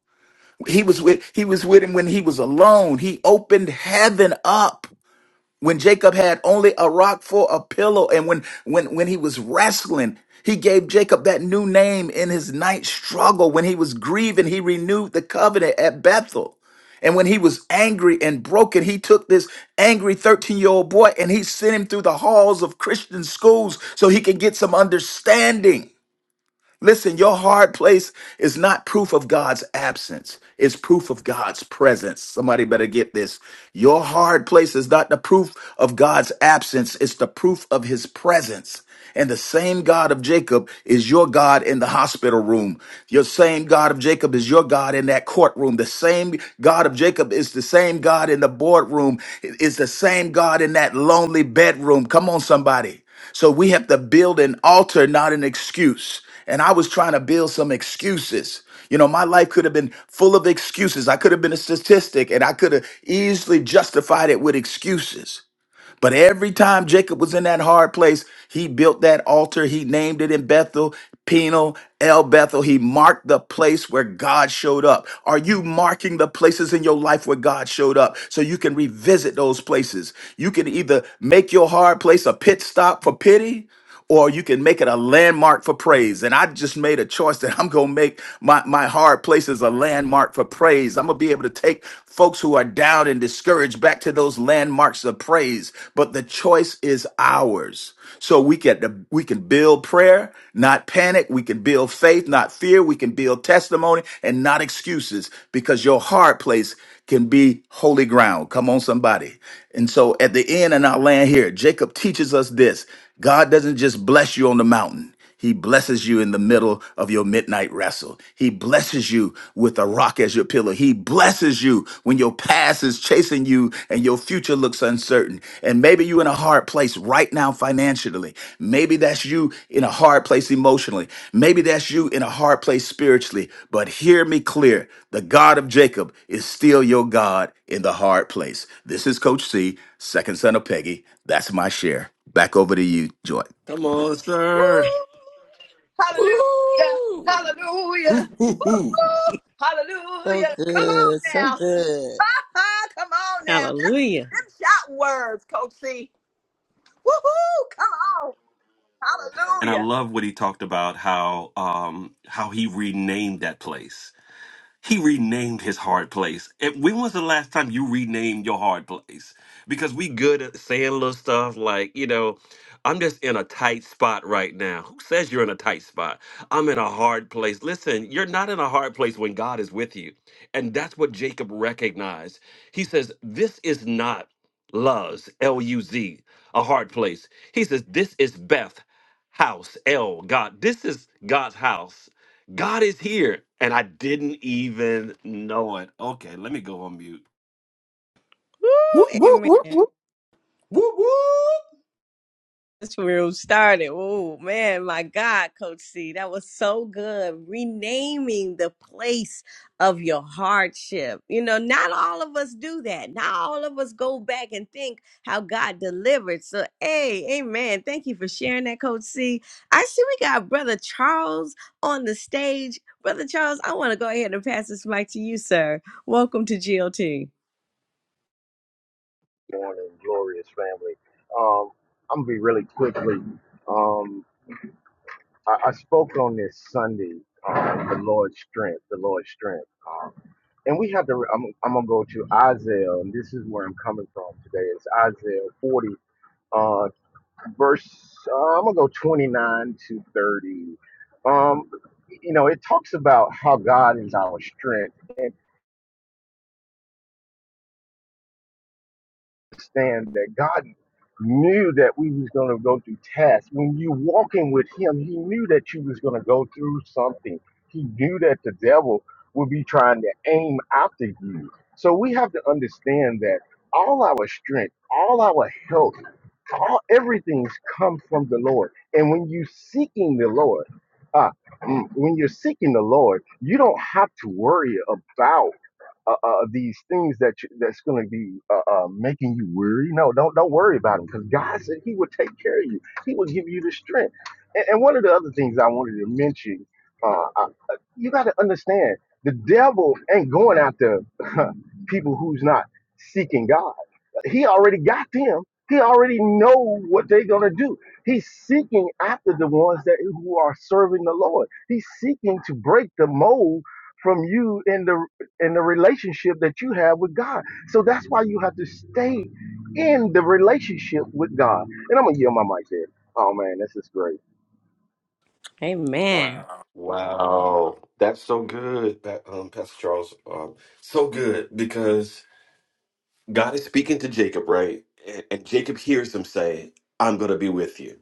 H: He was with he was with him when he was alone. He opened heaven up when Jacob had only a rock for a pillow and when when when he was wrestling he gave Jacob that new name in his night struggle. When he was grieving, he renewed the covenant at Bethel. And when he was angry and broken, he took this angry 13 year old boy and he sent him through the halls of Christian schools so he could get some understanding. Listen, your hard place is not proof of God's absence. It's proof of God's presence. Somebody better get this. Your hard place is not the proof of God's absence. It's the proof of his presence. And the same God of Jacob is your God in the hospital room. Your same God of Jacob is your God in that courtroom. The same God of Jacob is the same God in the boardroom. It's the same God in that lonely bedroom. Come on, somebody. So we have to build an altar, not an excuse. And I was trying to build some excuses. You know, my life could have been full of excuses. I could have been a statistic and I could have easily justified it with excuses. But every time Jacob was in that hard place, he built that altar. He named it in Bethel, Penal, El Bethel. He marked the place where God showed up. Are you marking the places in your life where God showed up so you can revisit those places? You can either make your hard place a pit stop for pity or you can make it a landmark for praise. And I just made a choice that I'm gonna make my, my hard places a landmark for praise. I'm gonna be able to take folks who are down and discouraged back to those landmarks of praise. But the choice is ours. So we can we can build prayer, not panic. We can build faith, not fear. We can build testimony and not excuses because your hard place can be holy ground. Come on, somebody. And so at the end, and I'll land here, Jacob teaches us this. God doesn't just bless you on the mountain. He blesses you in the middle of your midnight wrestle. He blesses you with a rock as your pillow. He blesses you when your past is chasing you and your future looks uncertain. And maybe you're in a hard place right now financially. Maybe that's you in a hard place emotionally. Maybe that's you in a hard place spiritually. But hear me clear the God of Jacob is still your God in the hard place. This is Coach C, second son of Peggy. That's my share. Back over to you, Joy.
B: Come on,
F: Woo!
B: sir.
F: Hallelujah! Hallelujah!
C: Hoo, hoo, hoo.
F: Woo-hoo!
D: So
F: Hallelujah! Come on
D: good. So
F: now!
D: good.
F: Come on now! That's
A: Hallelujah.
F: them shot words, Coach C. Woo-hoo! Come on!
B: and I
F: Hallelujah!
B: love what he talked about how um, how he renamed that place he renamed his hard place. And when was the last time you renamed your hard place? Because we good at saying little stuff like, you know, I'm just in a tight spot right now. Who says you're in a tight spot? I'm in a hard place. Listen, you're not in a hard place when God is with you. And that's what Jacob recognized. He says, This is not Luz, L U Z, a hard place. He says, This is Beth, house, L, God. This is God's house. God is here. And I didn't even know it. Okay, let me go on mute.
H: Whoop,
A: Woo,
H: whoop, whoop,
A: amen.
H: whoop.
F: Whoop whoop.
A: That's where it started. Oh man, my God, Coach C, that was so good. Renaming the place of your hardship. You know, not all of us do that. Not all of us go back and think how God delivered. So, hey, amen. Thank you for sharing that, Coach C. I see we got Brother Charles on the stage. Brother Charles, I want to go ahead and pass this mic to you, sir. Welcome to GLT.
I: morning, glorious family. Um, I'm gonna be really quickly. Um, I, I spoke on this Sunday, um, the Lord's strength, the Lord's strength. Um, and we have to. I'm, I'm gonna go to Isaiah, and this is where I'm coming from today. It's Isaiah 40, uh, verse. Uh, I'm gonna go 29 to 30. Um, you know, it talks about how God is our strength and. understand that God knew that we was going to go through tests. When you walking with him, he knew that you was going to go through something. He knew that the devil would be trying to aim after you. So we have to understand that all our strength, all our health, all everything's come from the Lord. And when you seeking the Lord, ah, mm, when you're seeking the Lord, you don't have to worry about uh, uh, these things that you, that's going to be uh, uh, making you weary. No, don't don't worry about them because God said He would take care of you. He will give you the strength. And, and one of the other things I wanted to mention, uh, I, uh, you got to understand, the devil ain't going after people who's not seeking God. He already got them. He already know what they're gonna do. He's seeking after the ones that who are serving the Lord. He's seeking to break the mold from you in the and the relationship that you have with God. So that's why you have to stay in the relationship with God. And I'm gonna yield my mic there. Oh man, this is great.
A: Amen.
B: Wow, that's so good, Pa- um, Pastor Charles. Um, so good because God is speaking to Jacob, right? And, and Jacob hears him say, "I'm going to be with you,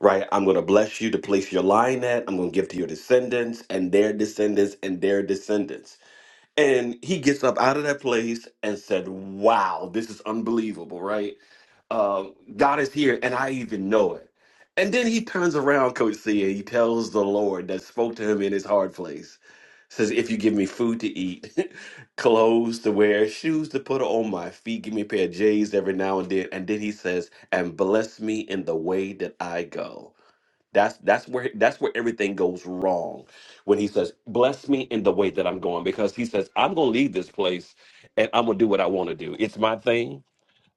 B: right? I'm going to bless you to place your line at. I'm going to give to your descendants and their descendants and their descendants." And he gets up out of that place and said, "Wow, this is unbelievable, right?" uh, God is here, and I even know it. And then he turns around, Coach C, and he tells the Lord that spoke to him in his hard place, says, "If you give me food to eat, clothes to wear, shoes to put on my feet, give me a pair of J's every now and then." And then he says, "And bless me in the way that I go." That's that's where that's where everything goes wrong when he says, "Bless me in the way that I'm going," because he says, "I'm going to leave this place, and I'm going to do what I want to do. It's my thing."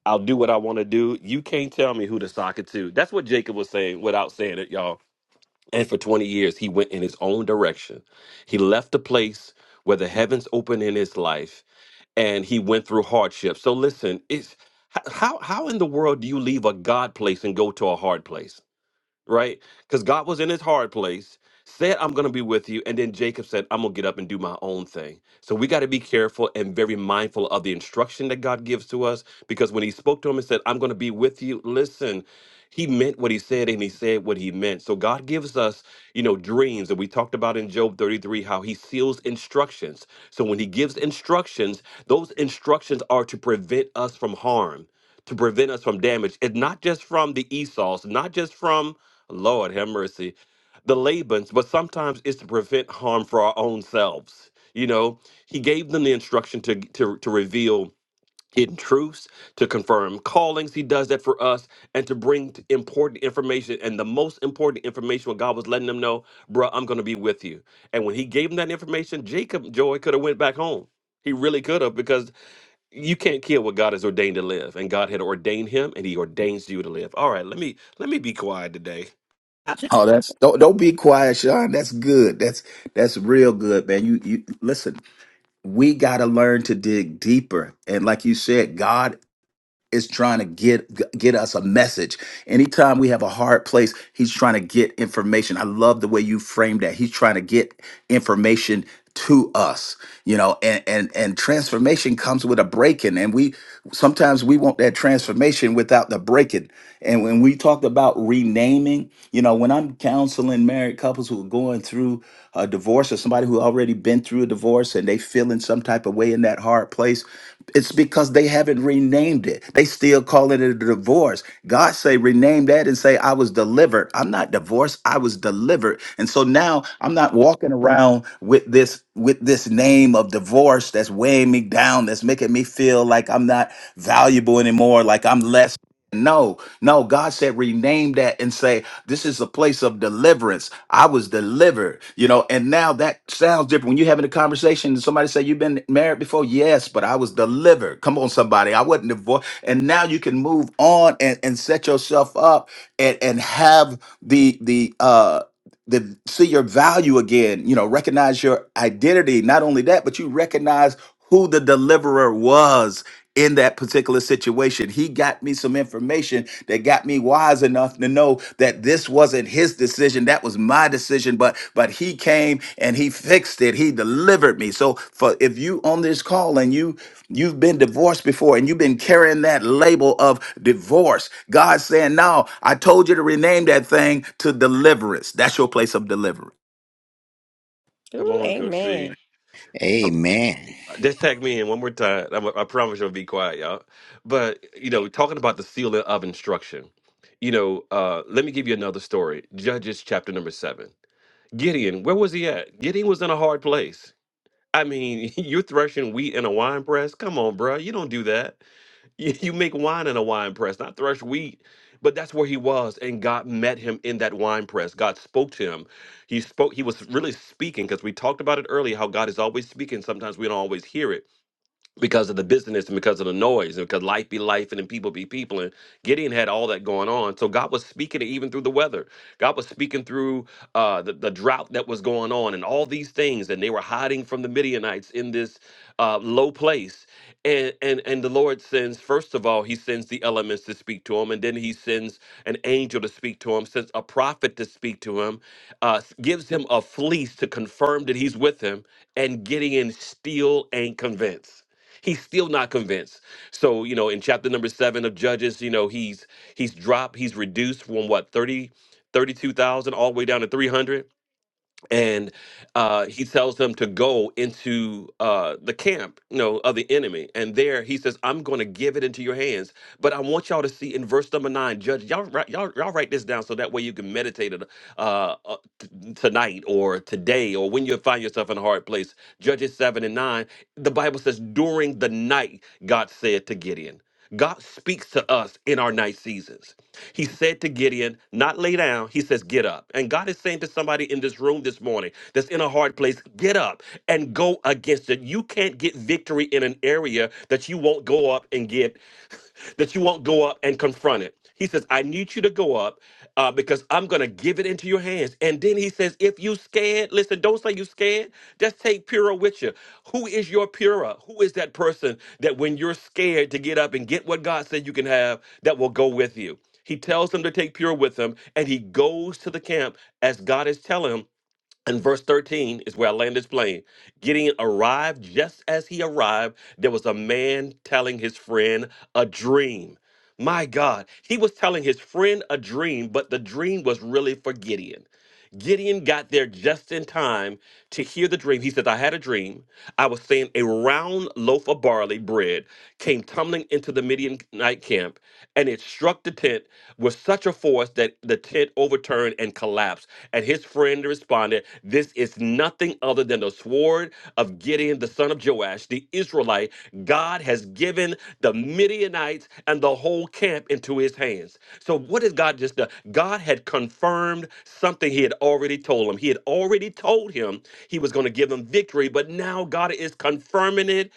B: I'll do what I want to do. You can't tell me who to sock it to. That's what Jacob was saying without saying it, y'all. And for 20 years, he went in his own direction. He left the place where the heavens opened in his life and he went through hardship. So listen, it's h- how how in the world do you leave a God place and go to a hard place? right? Because God was in his hard place, said, I'm going to be with you. And then Jacob said, I'm going to get up and do my own thing. So we got to be careful and very mindful of the instruction that God gives to us. Because when he spoke to him and said, I'm going to be with you, listen, he meant what he said and he said what he meant. So God gives us, you know, dreams that we talked about in Job 33, how he seals instructions. So when he gives instructions, those instructions are to prevent us from harm. To prevent us from damage, and not just from the Esau's, not just from Lord have mercy. The Labans, but sometimes it's to prevent harm for our own selves. You know, he gave them the instruction to, to, to reveal hidden truths, to confirm callings. He does that for us and to bring t- important information. And the most important information, what God was letting them know, bruh, I'm going to be with you. And when he gave them that information, Jacob Joy could have went back home. He really could have because you can't kill what God has ordained to live. And God had ordained him and he ordains you to live. All right, let me let me be quiet today.
H: Oh, that's don't don't be quiet, Sean. That's good. That's that's real good, man. You you listen. We got to learn to dig deeper, and like you said, God is trying to get get us a message. Anytime we have a hard place, he's trying to get information. I love the way you framed that. He's trying to get information to us, you know, and and and transformation comes with a breaking and we sometimes we want that transformation without the breaking. And when we talked about renaming, you know, when I'm counseling married couples who are going through a divorce or somebody who already been through a divorce and they feeling some type of way in that hard place, it's because they haven't renamed it. They still call it a divorce. God say rename that and say I was delivered. I'm not divorced. I was delivered. And so now I'm not walking around with this with this name of divorce that's weighing me down, that's making me feel like I'm not valuable anymore, like I'm less. No, no, God said rename that and say this is a place of deliverance. I was delivered, you know, and now that sounds different. When you're having a conversation and somebody say, You've been married before? Yes, but I was delivered. Come on, somebody. I wasn't divorced. And now you can move on and, and set yourself up and, and have the the uh the see your value again, you know, recognize your identity. Not only that, but you recognize who the deliverer was in that particular situation. He got me some information that got me wise enough to know that this wasn't his decision, that was my decision, but but he came and he fixed it. He delivered me. So for if you on this call and you You've been divorced before and you've been carrying that label of divorce. God's saying, No, I told you to rename that thing to deliverance. That's your place of deliverance.
B: Come
A: Ooh,
B: on, Coach
A: amen.
B: C. Um,
C: Amen.
B: Just tag me in one more time. I'm, I promise you'll be quiet, y'all. But you know, talking about the sealing of instruction. You know, uh, let me give you another story. Judges chapter number seven. Gideon, where was he at? Gideon was in a hard place. I mean, you're threshing wheat in a wine press. Come on, bruh. You don't do that. You, you make wine in a wine press, not thresh wheat. But that's where he was, and God met him in that wine press. God spoke to him. He spoke. He was really speaking because we talked about it earlier. How God is always speaking. Sometimes we don't always hear it because of the busyness and because of the noise and because life be life and then people be people and gideon had all that going on so god was speaking it even through the weather god was speaking through uh, the, the drought that was going on and all these things and they were hiding from the midianites in this uh, low place and, and and the lord sends first of all he sends the elements to speak to him and then he sends an angel to speak to him sends a prophet to speak to him uh, gives him a fleece to confirm that he's with him and gideon still ain't convinced He's still not convinced. So, you know, in chapter number seven of Judges, you know, he's he's dropped, he's reduced from what, 30 32,000 all the way down to 300 and uh, he tells them to go into uh, the camp you know of the enemy and there he says i'm going to give it into your hands but i want y'all to see in verse number nine judge y'all write, y'all, y'all write this down so that way you can meditate it uh, uh, t- tonight or today or when you find yourself in a hard place judges 7 and 9 the bible says during the night god said to gideon god speaks to us in our night seasons he said to Gideon, not lay down, he says, get up. And God is saying to somebody in this room this morning that's in a hard place, get up and go against it. You can't get victory in an area that you won't go up and get that you won't go up and confront it. He says, I need you to go up uh, because I'm going to give it into your hands. And then he says, if you scared, listen, don't say you scared. Just take Pura with you. Who is your Pura? Who is that person that when you're scared to get up and get what God said you can have, that will go with you? He tells them to take Pura with them, and he goes to the camp as God is telling him and verse 13 is where I land this plane. Gideon arrived just as he arrived. There was a man telling his friend a dream. My God, he was telling his friend a dream, but the dream was really for Gideon. Gideon got there just in time to hear the dream. He says, I had a dream. I was saying a round loaf of barley bread came tumbling into the Midianite camp, and it struck the tent with such a force that the tent overturned and collapsed. And his friend responded, This is nothing other than the sword of Gideon, the son of Joash, the Israelite. God has given the Midianites and the whole camp into his hands. So, what has God just done? God had confirmed something he had already told him. He had already told him he was going to give them victory, but now God is confirming it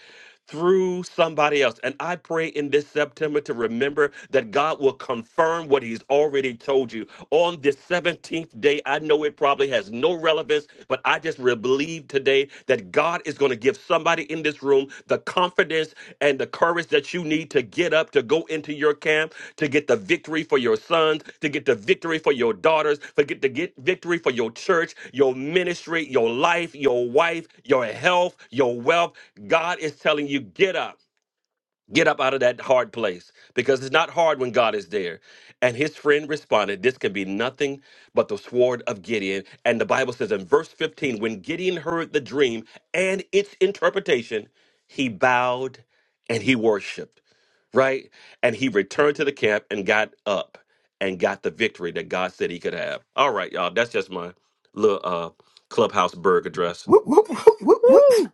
B: through somebody else. And I pray in this September to remember that God will confirm what He's already told you. On this 17th day today. I know it probably has no relevance, but I just really believe today that God is going to give somebody in this room the confidence and the courage that you need to get up, to go into your camp, to get the victory for your sons, to get the victory for your daughters, to get to get victory for your church, your ministry, your life, your wife, your health, your wealth. God is telling you, get up. Get up out of that hard place because it's not hard when God is there. And his friend responded, This can be nothing but the sword of Gideon. And the Bible says in verse 15, when Gideon heard the dream and its interpretation, he bowed and he worshiped, right? And he returned to the camp and got up and got the victory that God said he could have. All right, y'all. That's just my little uh, clubhouse burg address.
H: Whoop, whoop, whoop, whoop, whoop.
A: Woo,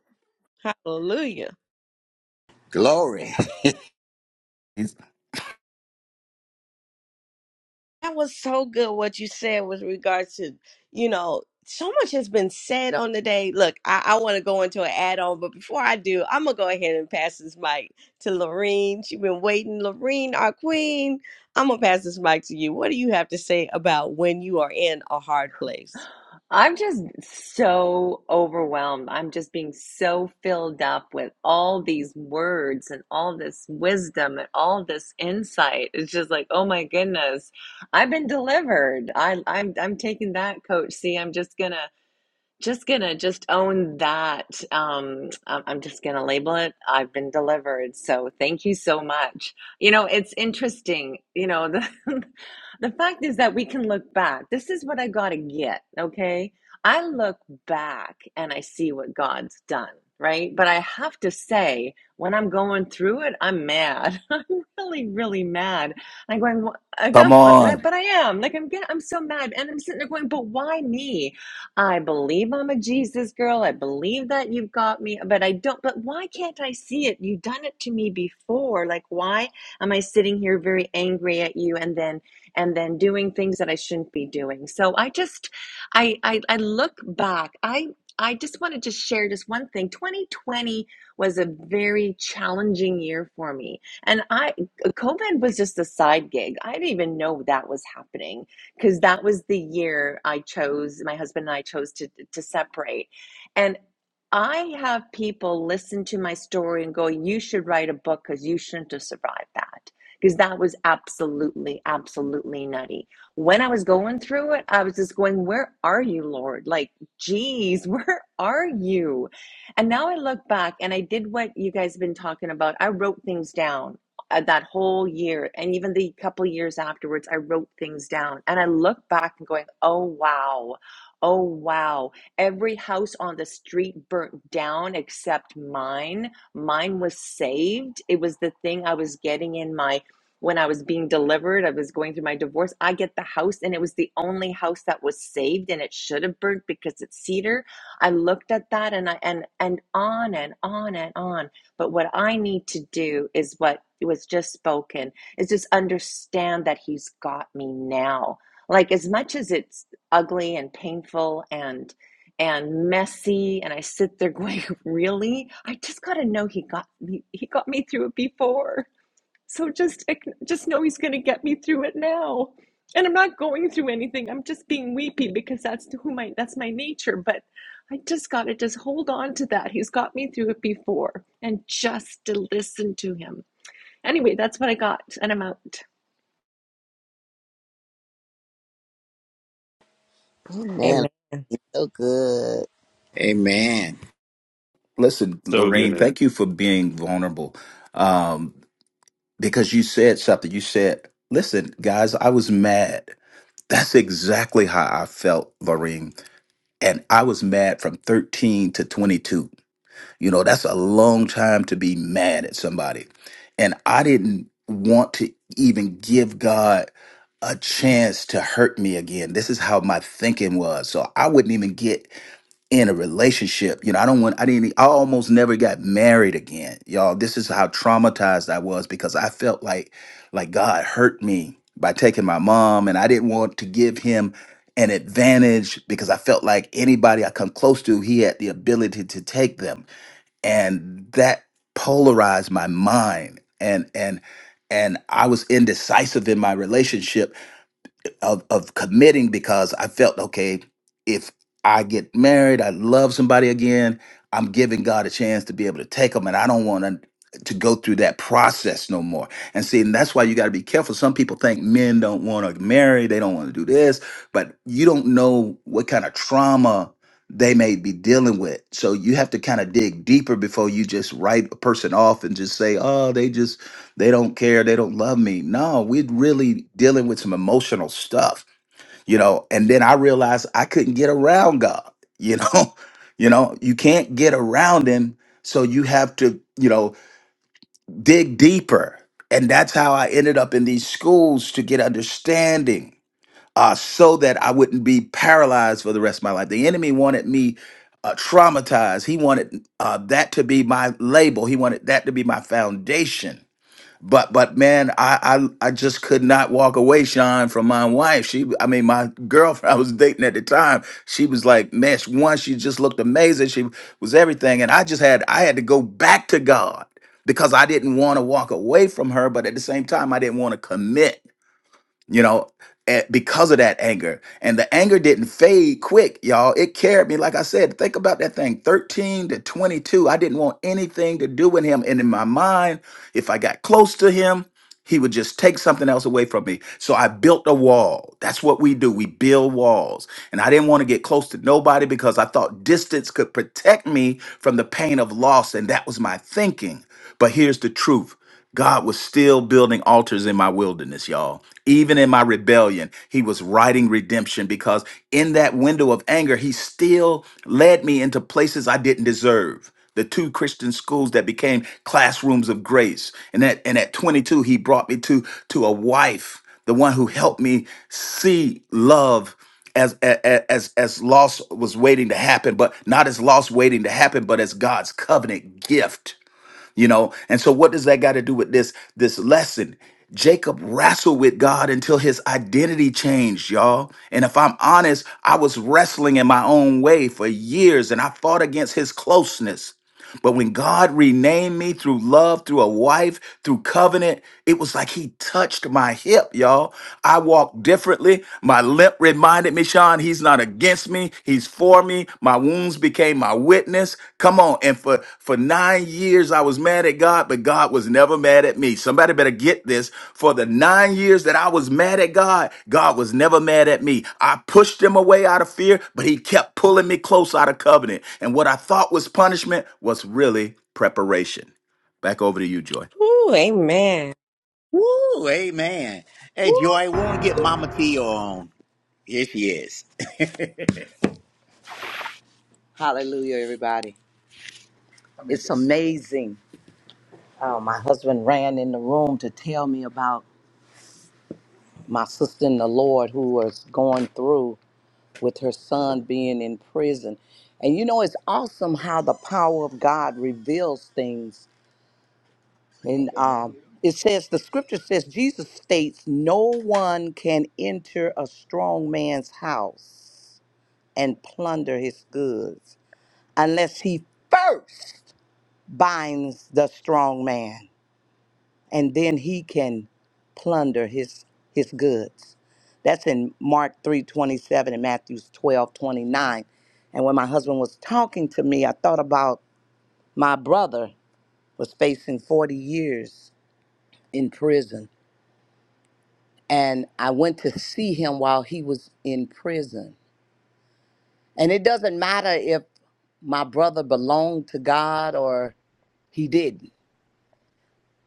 A: hallelujah.
C: Glory.
H: It's-
A: That was so good what you said with regards to, you know, so much has been said on the day. Look, I, I want to go into an add-on, but before I do, I'm gonna go ahead and pass this mic to Lorene. She's been waiting. Lorene, our queen. I'm gonna pass this mic to you. What do you have to say about when you are in a hard place?
J: I'm just so overwhelmed. I'm just being so filled up with all these words and all this wisdom and all this insight. It's just like, oh my goodness, I've been delivered. I, I'm I'm taking that, Coach. See, I'm just gonna just gonna just own that. Um, I- I'm just gonna label it. I've been delivered. So thank you so much. You know, it's interesting. You know, the the fact is that we can look back. This is what I gotta get. Okay, I look back and I see what God's done. Right, but I have to say, when I'm going through it, I'm mad. I'm really, really mad. I'm going, "Wha- I
H: Come
J: got, but
H: on.
J: but I am like, I'm, get, I'm so mad, and I'm sitting there going, but why me? I believe I'm a Jesus girl. I believe that you've got me, but I don't. But why can't I see it? You've done it to me before. Like, why am I sitting here very angry at you and then and then doing things that I shouldn't be doing? So I just, I, I, I look back. I, I just wanted to share just one thing. 2020 was a very challenging year for me, and I, COVID was just a side gig. I didn't even know that was happening because that was the year I chose, my husband and I chose to, to separate. And I have people listen to my story and go, You should write a book because you shouldn't have survived that. Because that was absolutely, absolutely nutty. When I was going through it, I was just going, Where are you, Lord? Like, geez, where are you? And now I look back and I did what you guys have been talking about. I wrote things down uh, that whole year and even the couple years afterwards i wrote things down and i look back and going oh wow oh wow every house on the street burnt down except mine mine was saved it was the thing i was getting in my when i was being delivered i was going through my divorce i get the house and it was the only house that was saved and it should have burnt because it's cedar i looked at that and i and and on and on and on but what I need to do is what was just spoken is just understand that He's got me now. Like as much as it's ugly and painful and and messy and I sit there going, really? I just got to know he got me, he got me through it before. So just just know he's going to get me through it now. And I'm not going through anything. I'm just being weepy because that's to who my that's my nature, but I just got to just hold on to that. He's got me through it before and just to listen to him. Anyway, that's what I got and I'm out.
D: Amen. So good.
C: Amen.
H: Listen,
B: So
H: Lorraine,
B: good.
H: thank you for being vulnerable um, because you said something. You said, Listen, guys, I was mad. That's exactly how I felt, Lorraine. And I was mad from 13 to 22. You know, that's a long time to be mad at somebody. And I didn't want to even give God a chance to hurt me again. This is how my thinking was. So I wouldn't even get in a relationship. You know, I don't want I didn't I almost never got married again. Y'all, this is how traumatized I was because I felt like like God hurt me by taking my mom and I didn't want to give him an advantage because I felt like anybody I come close to, he had the ability to take them and that polarized my mind and and and I was indecisive in my relationship of of committing because I felt okay if I get married, I love somebody again. I'm giving God a chance to be able to take them, and I don't want to to go through that process no more. And see, and that's why you got to be careful. Some people think men don't want to marry, they don't want to do this, but you don't know what kind of trauma they may be dealing with. So you have to kind of dig deeper before you just write a person off and just say, "Oh, they just." they don't care they don't love me no we're really dealing with some emotional stuff you know and then i realized i couldn't get around god you know you know you can't get around him so you have to you know dig deeper and that's how i ended up in these schools to get understanding uh, so that i wouldn't be paralyzed for the rest of my life the enemy wanted me uh, traumatized he wanted uh, that to be my label he wanted that to be my foundation but but man, I, I I just could not walk away, Sean, from my wife. She, I mean, my girlfriend I was dating at the time. She was like, man, she, one, she just looked amazing. She was everything, and I just had I had to go back to God because I didn't want to walk away from her, but at the same time, I didn't want to commit you know, a- because of that anger. And the anger didn't fade quick, y'all. It carried me, like I said, think about that thing 13 to 22. I didn't want anything to do with him. And in my mind, if I got close to him, he would just take something else away from me. So I built a wall. That's what we do. We build walls. And I didn't want to get close to nobody because I thought distance could protect me from the pain of loss. And that was my thinking. But here's the truth God was still building altars in my wilderness, y'all. Even in my rebellion, He was writing redemption because in that window of anger, He still led me into places I didn't deserve. The two Christian schools that became classrooms of grace. And at, and at 22, He brought me to, to a wife, the one who helped me see love as a- as as loss was waiting to happen, but not as loss waiting to happen, but as God's covenant gift you know and so what does that got to do with this this lesson jacob wrestled with god until his identity changed y'all and if i'm honest i was wrestling in my own way for years and i fought against his closeness but when God renamed me through love, through a wife, through covenant, it was like He touched my hip, y'all. I walked differently. My limp reminded me, Sean, He's not against me. He's for me. My wounds became my witness. Come on. And for, for nine years I was mad at God, but God was never mad at me. Somebody better get this. For the nine years that I was mad at God, God was never mad at me. I pushed him away out of fear, but he kept pulling me close out of covenant. And what I thought was punishment was really preparation. Back over to you, Joy.
A: Ooh, amen.
C: Woo, amen. Hey, Joy, I want to get Mama Tia on. Here she is. Hallelujah, everybody. It's amazing. Uh, my husband ran in the room to tell me about my sister in the Lord who was going through with her son being in prison. And you know, it's awesome how the power of God reveals things And um, it says, the scripture says, Jesus states, no one can enter a strong man's house and plunder his goods unless he first binds the strong man and then he can plunder his, his goods. That's in Mark 3:27 and Matthew 12:29. And when my husband was talking to me, I thought about my brother was facing 40 years in prison and I went to see him while he was in prison. And it doesn't matter if my brother belonged to God or he didn't.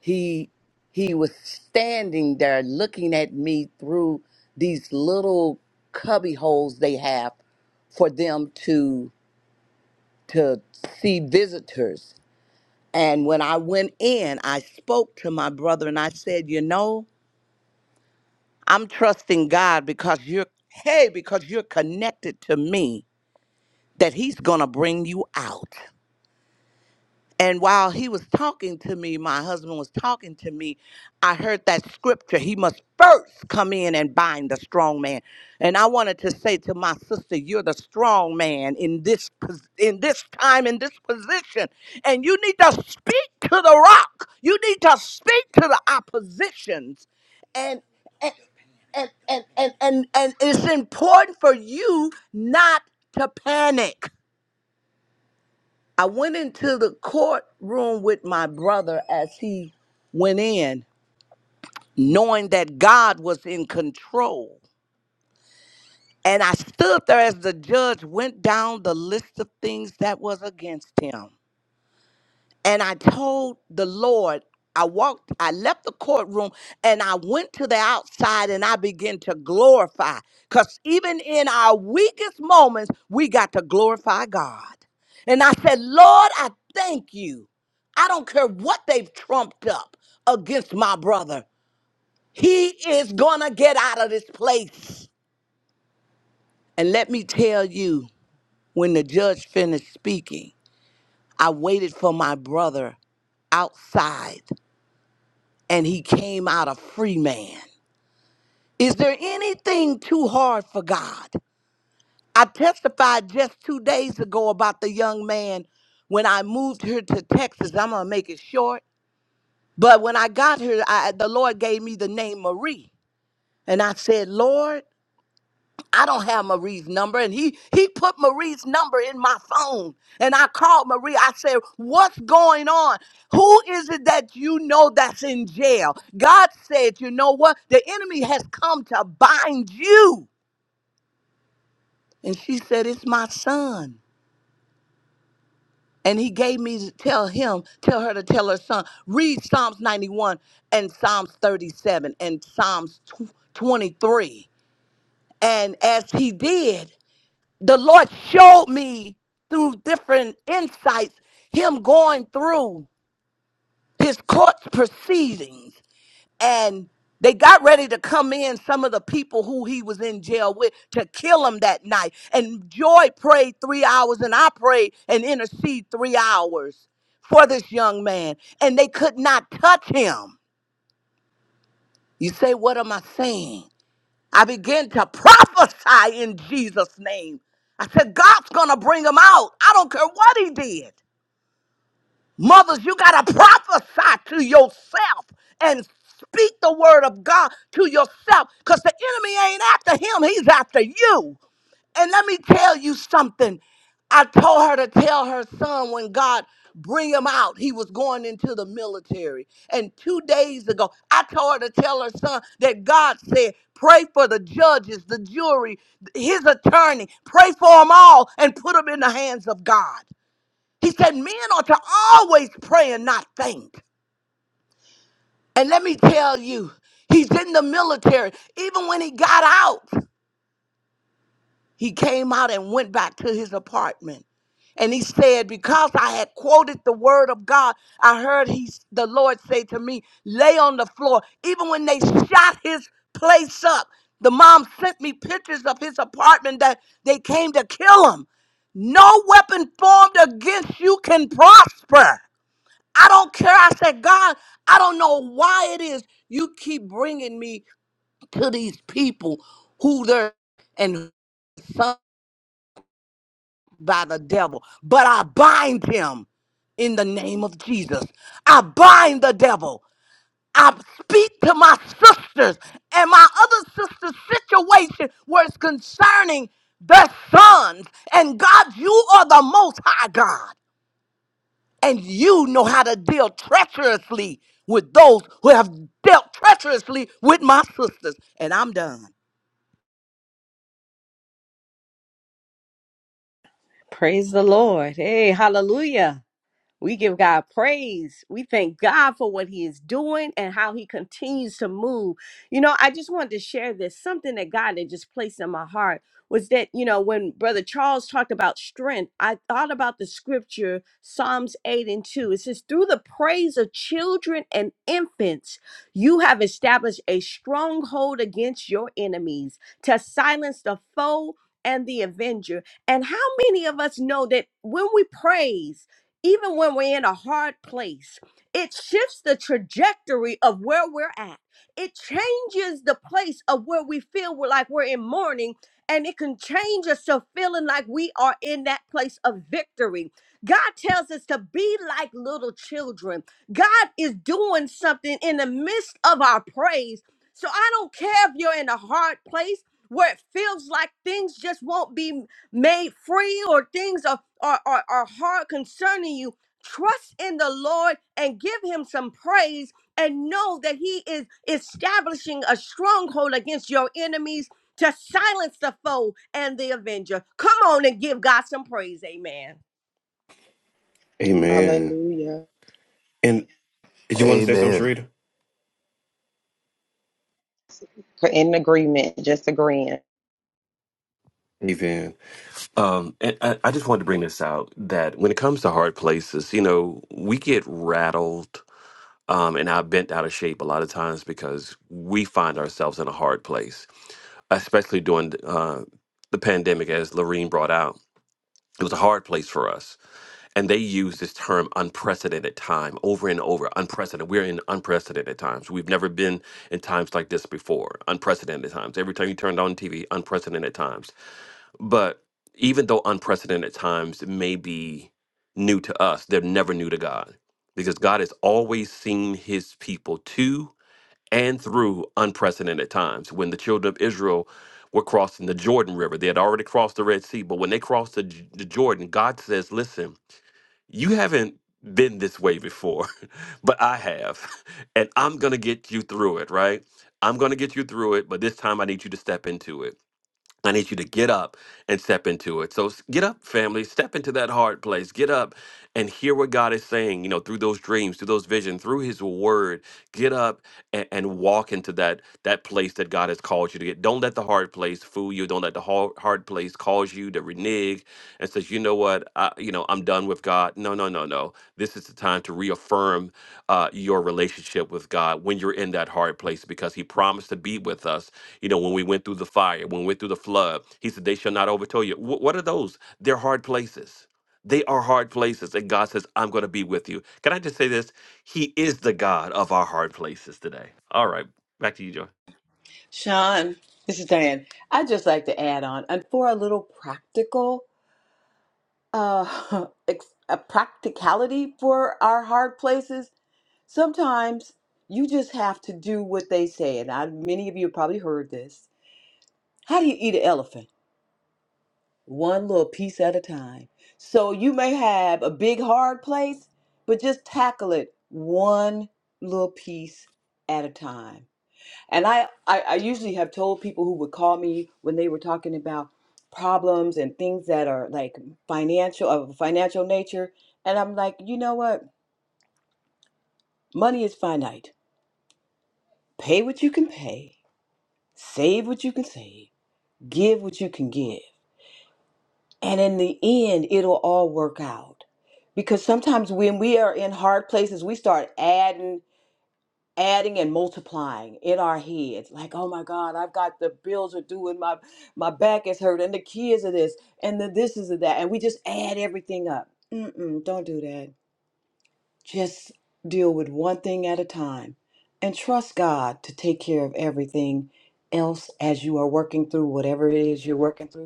C: He he was standing there looking at me through these little cubby holes they have for them to to see visitors. And when I went in, I spoke to my brother and I said, "You know, I'm trusting God because you're hey, because you're connected to me." that he's going to bring you out. And while he was talking to me, my husband was talking to me, I heard that scripture. He must first come in and bind the strong man. And I wanted to say to my sister, you're the strong man in this pos- in this time in this position. And you need to speak to the rock. You need to speak to the oppositions. And and and and and and, and it's important for you not to panic I went into the courtroom with my brother as he went in, knowing that God was in control. And I stood there as the judge went down the list of things that was against him. and I told the Lord, I walked, I left the courtroom and I went to the outside and I began to glorify. Because even in our weakest moments, we got to glorify God. And I said, Lord, I thank you. I don't care what they've trumped up against my brother. He is going to get out of this place. And let me tell you, when the judge finished speaking, I waited for my brother outside and he came out a free man. Is there anything too hard for God? I testified just two days ago about the young man when I moved here to Texas. I'm going to make it short. But when I got here, I, the Lord gave me the name Marie. And I said, Lord, I don't have Marie's number. And he he put Marie's number in my phone. And I called Marie. I said, What's going on? Who is it that you know that's in jail? God said, You know what? The enemy has come to bind you. And she said, It's my son. And he gave me to tell him, tell her to tell her son, read Psalms 91 and Psalms 37 and Psalms tw- 23. And as he did, the Lord showed me through different insights him going through his court proceedings and they got ready to come in some of the people who he was in jail with to kill him that night and joy prayed three hours and i prayed and intercede three hours for this young man and they could not touch him you say what am i saying I began to prophesy in Jesus' name. I said, God's going to bring him out. I don't care what he did. Mothers, you got to prophesy to yourself and speak the word of God to yourself because the enemy ain't after him, he's after you. And let me tell you something. I told her to tell her son when God bring him out, he was going into the military. And two days ago, I told her to tell her son that God said, pray for the judges, the jury, his attorney, pray for them all and put them in the hands of God. He said, men are to always pray and not faint. And let me tell you, he's in the military. Even when he got out, He came out and went back to his apartment. And he said, Because I had quoted the word of God, I heard he, the Lord say to me, Lay on the floor. Even when they shot his place up, the mom sent me pictures of his apartment that they came to kill him. No weapon formed against you can prosper. I don't care. I said, God, I don't know why it is you keep bringing me to these people who they're and son by the devil, but I bind him in the name of Jesus. I bind the devil. I speak to my sisters and my other sisters' situation where it's concerning their sons. And God, you are the most high God, and you know how to deal treacherously with those who have dealt treacherously with my sisters. And I'm done.
A: Praise the Lord. Hey, hallelujah. We give God praise. We thank God for what He is doing and how He continues to move. You know, I just wanted to share this something that God had just placed in my heart was that, you know, when Brother Charles talked about strength, I thought about the scripture, Psalms 8 and 2. It says, Through the praise of children and infants, you have established a stronghold against your enemies to silence the foe and the avenger. And how many of us know that when we praise, even when we're in a hard place, it shifts the trajectory of where we're at. It changes the place of where we feel we're like we're in mourning, and it can change us to feeling like we are in that place of victory. God tells us to be like little children. God is doing something in the midst of our praise. So I don't care if you're in a hard place where it feels like things just won't be made free or things are, are, are, are hard concerning you, trust in the Lord and give him some praise and know that he is establishing a stronghold against your enemies to silence the foe and the avenger. Come on and give God some praise. Amen.
E: Man.
B: Amen.
E: Hallelujah.
B: And did you want to say something,
H: Amen.
B: Sharita?
E: In agreement, just agreeing.
B: Amen. Um, and I, I just wanted to bring this out that when it comes to hard places, you know, we get rattled um, and are bent out of shape a lot of times because we find ourselves in a hard place, especially during uh, the pandemic, as Lorene brought out. It was a hard place for us. And they use this term unprecedented time over and over. Unprecedented. We're in unprecedented times. We've never been in times like this before. Unprecedented times. Every time you turned on TV, unprecedented times but even though unprecedented times may be new to us, they're never new to God because God has always seen his people to and through unprecedented times. When the children of Israel were crossing the Jordan River, they had already crossed the Red Sea, but when they crossed the, J- the Jordan, God says, Listen, you haven't been this way before, but I have, and I'm going to get you through it, right? I'm going to get you through it, but this time I need you to step into it. I need you to get up and step into it. So s- get up, family. Step into that hard place. Get up and hear what God is saying, you know, through those dreams, through those visions, through his word. Get up and, and walk into that that place that God has called you to get. Don't let the hard place fool you. Don't let the hard, hard place cause you to renege and says, you know what, I, you know, I'm done with God. No, no, no, no. This is the time to reaffirm uh, your relationship with God when you're in that hard place because He promised to be with us. You know, when we went through the fire, when we went through the flood, He said, They shall not overtake you. Wh- what are those? They're hard places. They are hard places. And God says, I'm going to be with you. Can I just say this? He is the God of our hard places today. All right. Back to you, Joy.
F: Sean, this is Diane. I'd just like to add on, and for a little practical. uh, ex- a practicality for our hard places. Sometimes you just have to do what they say. And I, many of you probably heard this. How do you eat an elephant? One little piece at a time. So you may have a big hard place, but just tackle it one little piece at a time. And I, I, I usually have told people who would call me when they were talking about problems and things that are like financial of a financial nature. And I'm like, you know what? Money is finite. Pay what you can pay, save what you can save, give what you can give. And in the end, it'll all work out. Because sometimes when we are in hard places, we start adding adding and multiplying in our heads like oh my god i've got the bills are due and my my back is hurt and the kids are this and the this is that and we just add everything up Mm-mm, don't do that just deal with one thing at a time and trust god to take care of everything else as you are working through whatever it is you're working through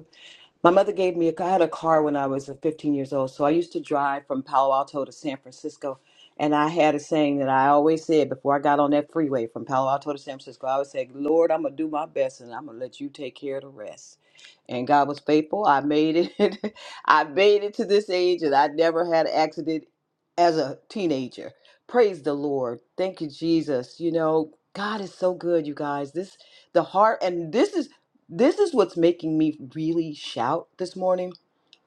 F: my mother gave me a car. I had a car when I was uh, 15 years old. So I used to drive from Palo Alto to San Francisco. And I had a saying that I always said before I got on that freeway from Palo Alto to San Francisco, I always said, Lord, I'm going to do my best and I'm going to let you take care of the rest. And God was faithful. I made it. I made it to this age and I never had an accident as a teenager. Praise the Lord. Thank you, Jesus. You know, God is so good, you guys. This, the heart, and this is. This is what's making me really shout this morning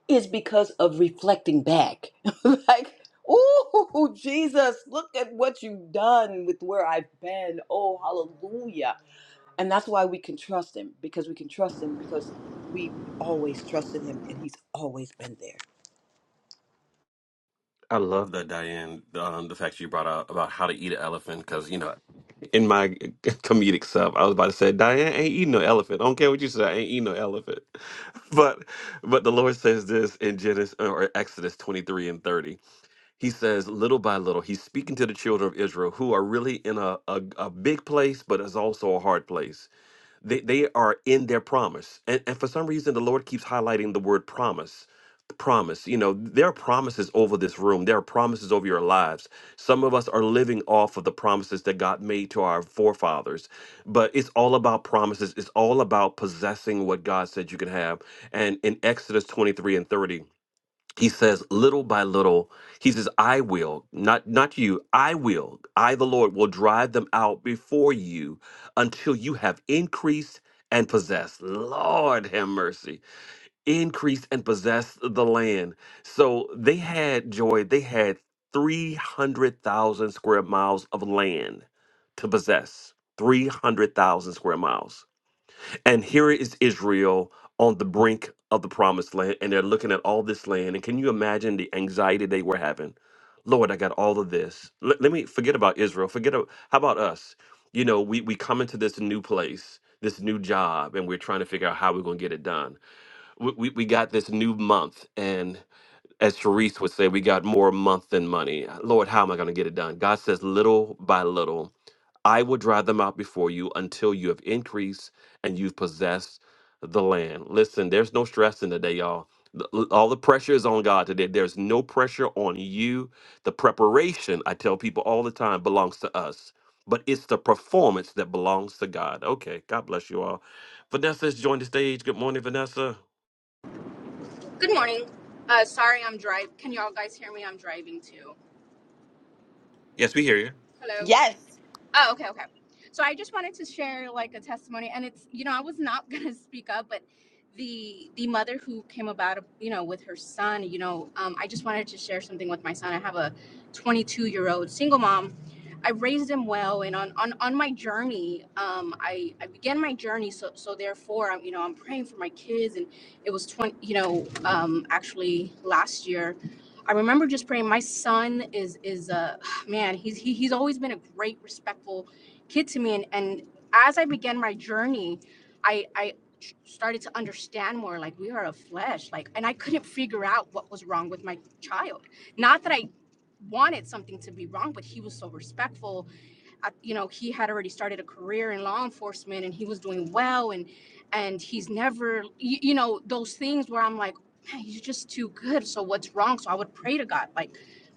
F: is because of reflecting back. like, ooh, Jesus, look at what you've done with where I've been. Oh, hallelujah. And that's why we can trust him because we can trust him because we always trusted him and he's always been there.
B: I love that, Diane. Um, the fact you brought out about how to eat an elephant, because you know, in my comedic self, I was about to say, Diane ain't eating no elephant. I don't care what you say, I ain't eating no elephant. But but the Lord says this in Genesis uh, or Exodus twenty three and thirty. He says, little by little, He's speaking to the children of Israel, who are really in a a, a big place, but it's also a hard place. They they are in their promise. And and for some reason the Lord keeps highlighting the word promise. Promise. You know, there are promises over this room. There are promises over your lives. Some of us are living off of the promises that God made to our forefathers. But it's all about promises. It's all about possessing what God said you can have. And in Exodus 23 and 30, he says little by little he says i will not not you i will i the lord will drive them out before you until you have increased and possessed lord have mercy increased and possessed the land so they had joy they had 300000 square miles of land to possess 300000 square miles and here is Israel on the brink of the promised land, and they're looking at all this land. And can you imagine the anxiety they were having? Lord, I got all of this. Let, let me forget about Israel. Forget a- how about us? You know, we we come into this new place, this new job, and we're trying to figure out how we're going to get it done. We, we we got this new month, and as Sharice would say, we got more month than money. Lord, how am I going to get it done? God says, little by little I will drive them out before you until you have increased and you've possessed the land. Listen, there's no stress in the day, y'all. The- l- All the pressure is on God today. There's no pressure on you. The preparation, I tell people all the time, belongs to us, but it's the performance that belongs to God. Okay, God bless you all. Vanessa's joined the stage. Good morning, Vanessa.
K: Good morning. Uh, sorry, I'm driving. Can y'all guys hear me? I'm driving too.
B: Yes, we hear you.
K: Hello.
F: Yes.
K: Oh, okay, okay. So I just wanted to share like a testimony, and it's you know I was not gonna speak up, but the the mother who came about you know with her son, you know, um, I just wanted to share something with my son. I have a 22 year old single mom. I raised him well, and on on on my journey, um, I I began my journey, so so therefore I'm you know I'm praying for my kids, and it was 20 you know um, actually last year. I remember just praying. My son is is a man, he's he, he's always been a great, respectful kid to me. And and as I began my journey, I I started to understand more. Like we are a flesh. Like, and I couldn't figure out what was wrong with my child. Not that I wanted something to be wrong, but he was so respectful I, you know, he had already started a career in law enforcement and he was doing well and and he's never you, you know those things where I'm like, man, he's just too good. So what's wrong? So I would pray to God, like,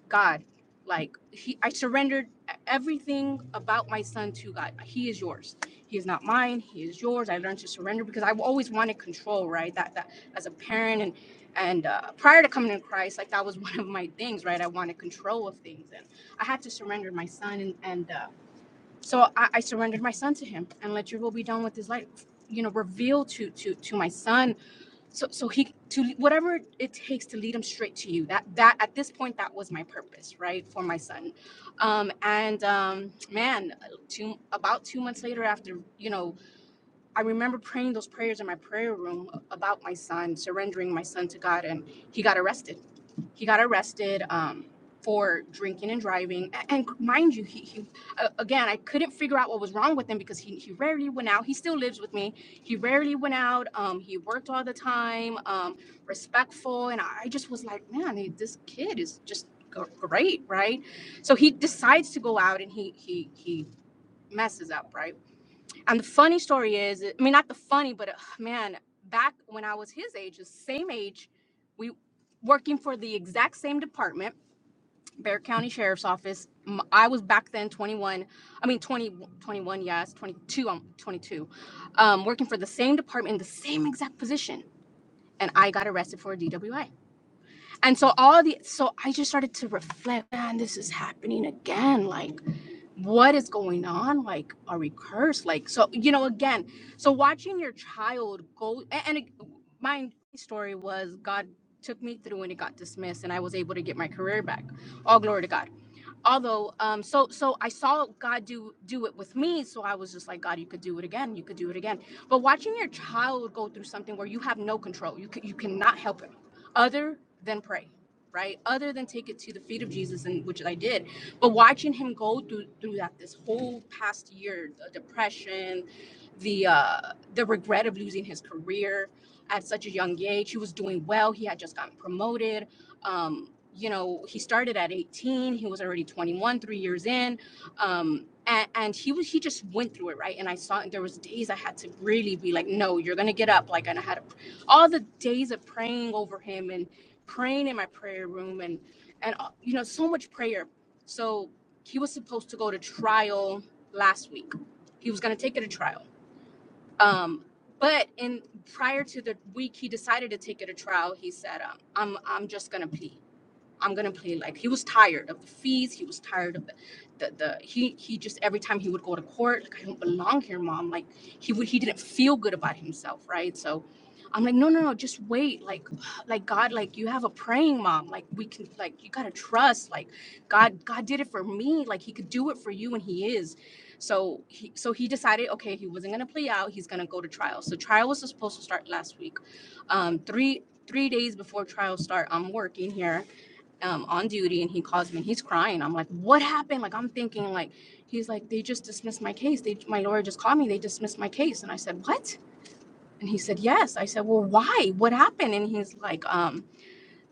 K: God, like he I surrendered e- everything about my son to God. He is yours. He is not mine. He is yours. I learned to surrender because I've always wanted control, right? That that as a parent and and uh, prior to coming to Christ, like that was one of my things, right? I wanted control of things, and I had to surrender my son, and and uh, so I, I surrendered my son to him and let your will be done with his life. You know, reveal to to to my son so so he to whatever it takes to lead him straight to you. That that at this point that was my purpose, right, for my son. Um, and um, man, two about two months later, after you know I remember praying those prayers in my prayer room about my son, surrendering my son to God, and he got arrested. He got arrested um, for drinking and driving. A- And mind you, he, he uh, again, I couldn't figure out what was wrong with him because he, he rarely went out. He still lives with me. He rarely went out. Um, he worked all the time, um, respectful. And I just was like, man, this kid is just great, right? So he decides to go out and he, he, he messes up, right? And the funny story is, I mean, not the funny, but uh, man, back when I was his age, the same age, we working for the exact same department, Bear County Sheriff's Office. M- I was back then 21, I mean 20, 21, yes, 22, I'm 22, um, working for the same department in the same exact position. And I got arrested for a DWI. And so all the, so I just started to reflect, man, this is happening again. Like, what is going on like are we cursed like so you know again so watching your child go a- and, it, my story was god took me through and it got dismissed and i was able to get my career back all glory to god although um so so i saw god do do it with me so i was just like god you could do it again you could do it again but watching your child go through something where you have no control you can, you cannot help him other than pray right other than take it to the feet of jesus and which i did but watching him go through through that this whole past year the depression the uh the regret of losing his career at such a young age he was doing well he had just gotten promoted um, you know, he started at 18. He was already 21, three years in, um, and, and he was he just went through it right. And I saw and there was days I had to really be like, no, you're gonna get up. Like, and I had to, all the days of praying over him and praying in my prayer room and and uh, you know so much prayer. So he was supposed to go to trial last week. He was gonna take it to trial. Um, but in prior to the week he decided to take it to trial, he said, um, I'm I'm just gonna plead I'm gonna play like he was tired of the fees. He was tired of the, the the he he just every time he would go to court, like I don't belong here, mom. Like he would he didn't feel good about himself, right? So I'm like, no, no, no, just wait. Like like God, like you have a praying mom. Like we can like you gotta trust. Like God, God did it for me. Like he could do it for you and he is. So he so he decided, okay, he wasn't gonna play out, he's gonna go to trial. So trial was supposed to start last week. Um three three days before trial start, I'm working here um, on duty and he calls me and he's crying. I'm like, what happened? Like, I'm thinking, like, he's like, they just dismissed my case. They, my lawyer just called me. They dismissed my case. And I said, what? And he said, yes. I said, well, why? What happened? And he's like, um,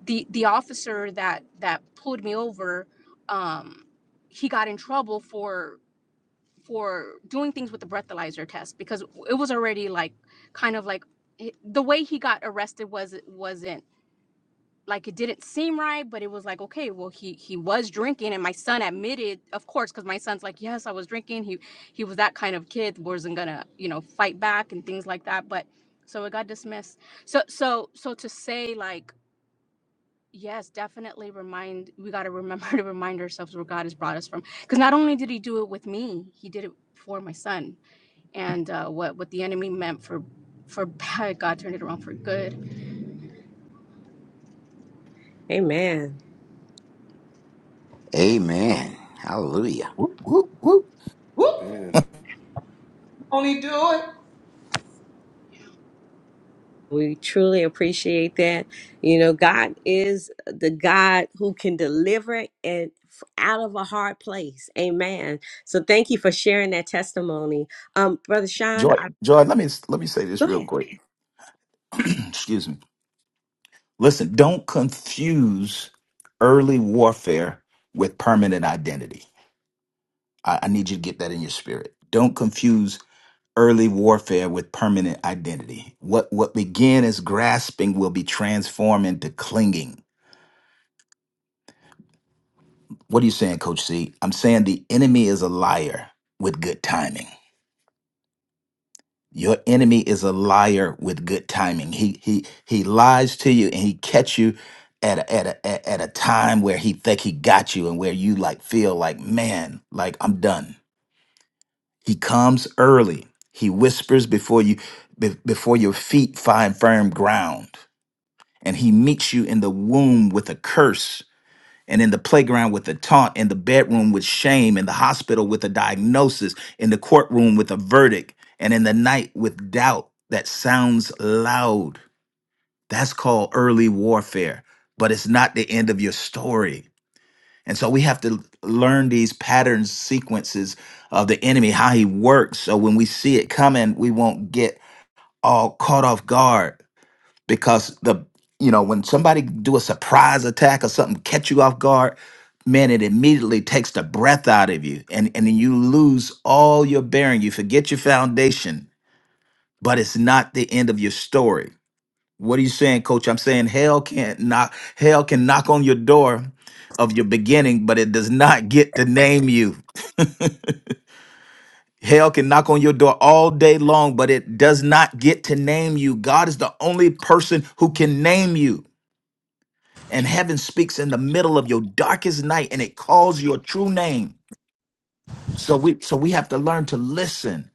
K: the, the officer that, that pulled me over, um, he got in trouble for, for doing things with the breathalyzer test because it was already like, kind of like, the way he got arrested was, wasn't like it didn't seem right, but it was like, okay, well, he he was drinking, and my son admitted, of course, because my son's like, yes, I was drinking. He he was that kind of kid, wasn't gonna you know fight back and things like that. But so it got dismissed. So so so to say like. Yes, definitely remind we got to remember to remind ourselves where God has brought us from because not only did he do it with me, he did it for my son and uh, what what the enemy meant for for bad, God turned it around for good.
A: Amen.
C: Amen. Hallelujah.
H: Whoop, whoop, whoop.
A: We truly appreciate that. You know, God is the God who can deliver and f- out of a hard place. Amen. So thank you for sharing that testimony. Um, Brother Sean,
H: Joy,
A: I,
H: Joy, let me let me say this
A: go
H: real
A: ahead.
H: quick. Excuse me. Listen, don't confuse early warfare with permanent identity. I, I need you to get that in your spirit. Don't confuse early warfare with permanent identity. What what began as grasping will be transformed into clinging. What are you saying, Coach C? I'm saying the enemy is a liar with good timing. Your enemy is a liar with good timing. He he he lies to you and he catch you at a, at a at at a time where he think he got you and where you like feel like man like I'm done. He comes early. He whispers before you be- before your feet find firm ground. And he meets you in the womb with a curse and in the playground with a taunt, in the bedroom with shame, in the hospital with a diagnosis, in the courtroom with a verdict, and in the night with doubt that sounds loud. That's called early warfare, but it's not the end of your story. And so we have to learn these patterns, sequences of the enemy, how he works. So when we see it coming, we won't get all caught off guard because the you know when somebody do a surprise attack or something catch you off guard man it immediately takes the breath out of you and and then you lose all your bearing you forget your foundation but it's not the end of your story what are you saying, coach? I'm saying hell can't knock hell can knock on your door of your beginning, but it does not get to name you. Hell can knock on your door all day long, but it does not get to name you. God is the only person who can name you. And heaven speaks in the middle of your darkest night and it calls your true name. So we so we have to learn to listen.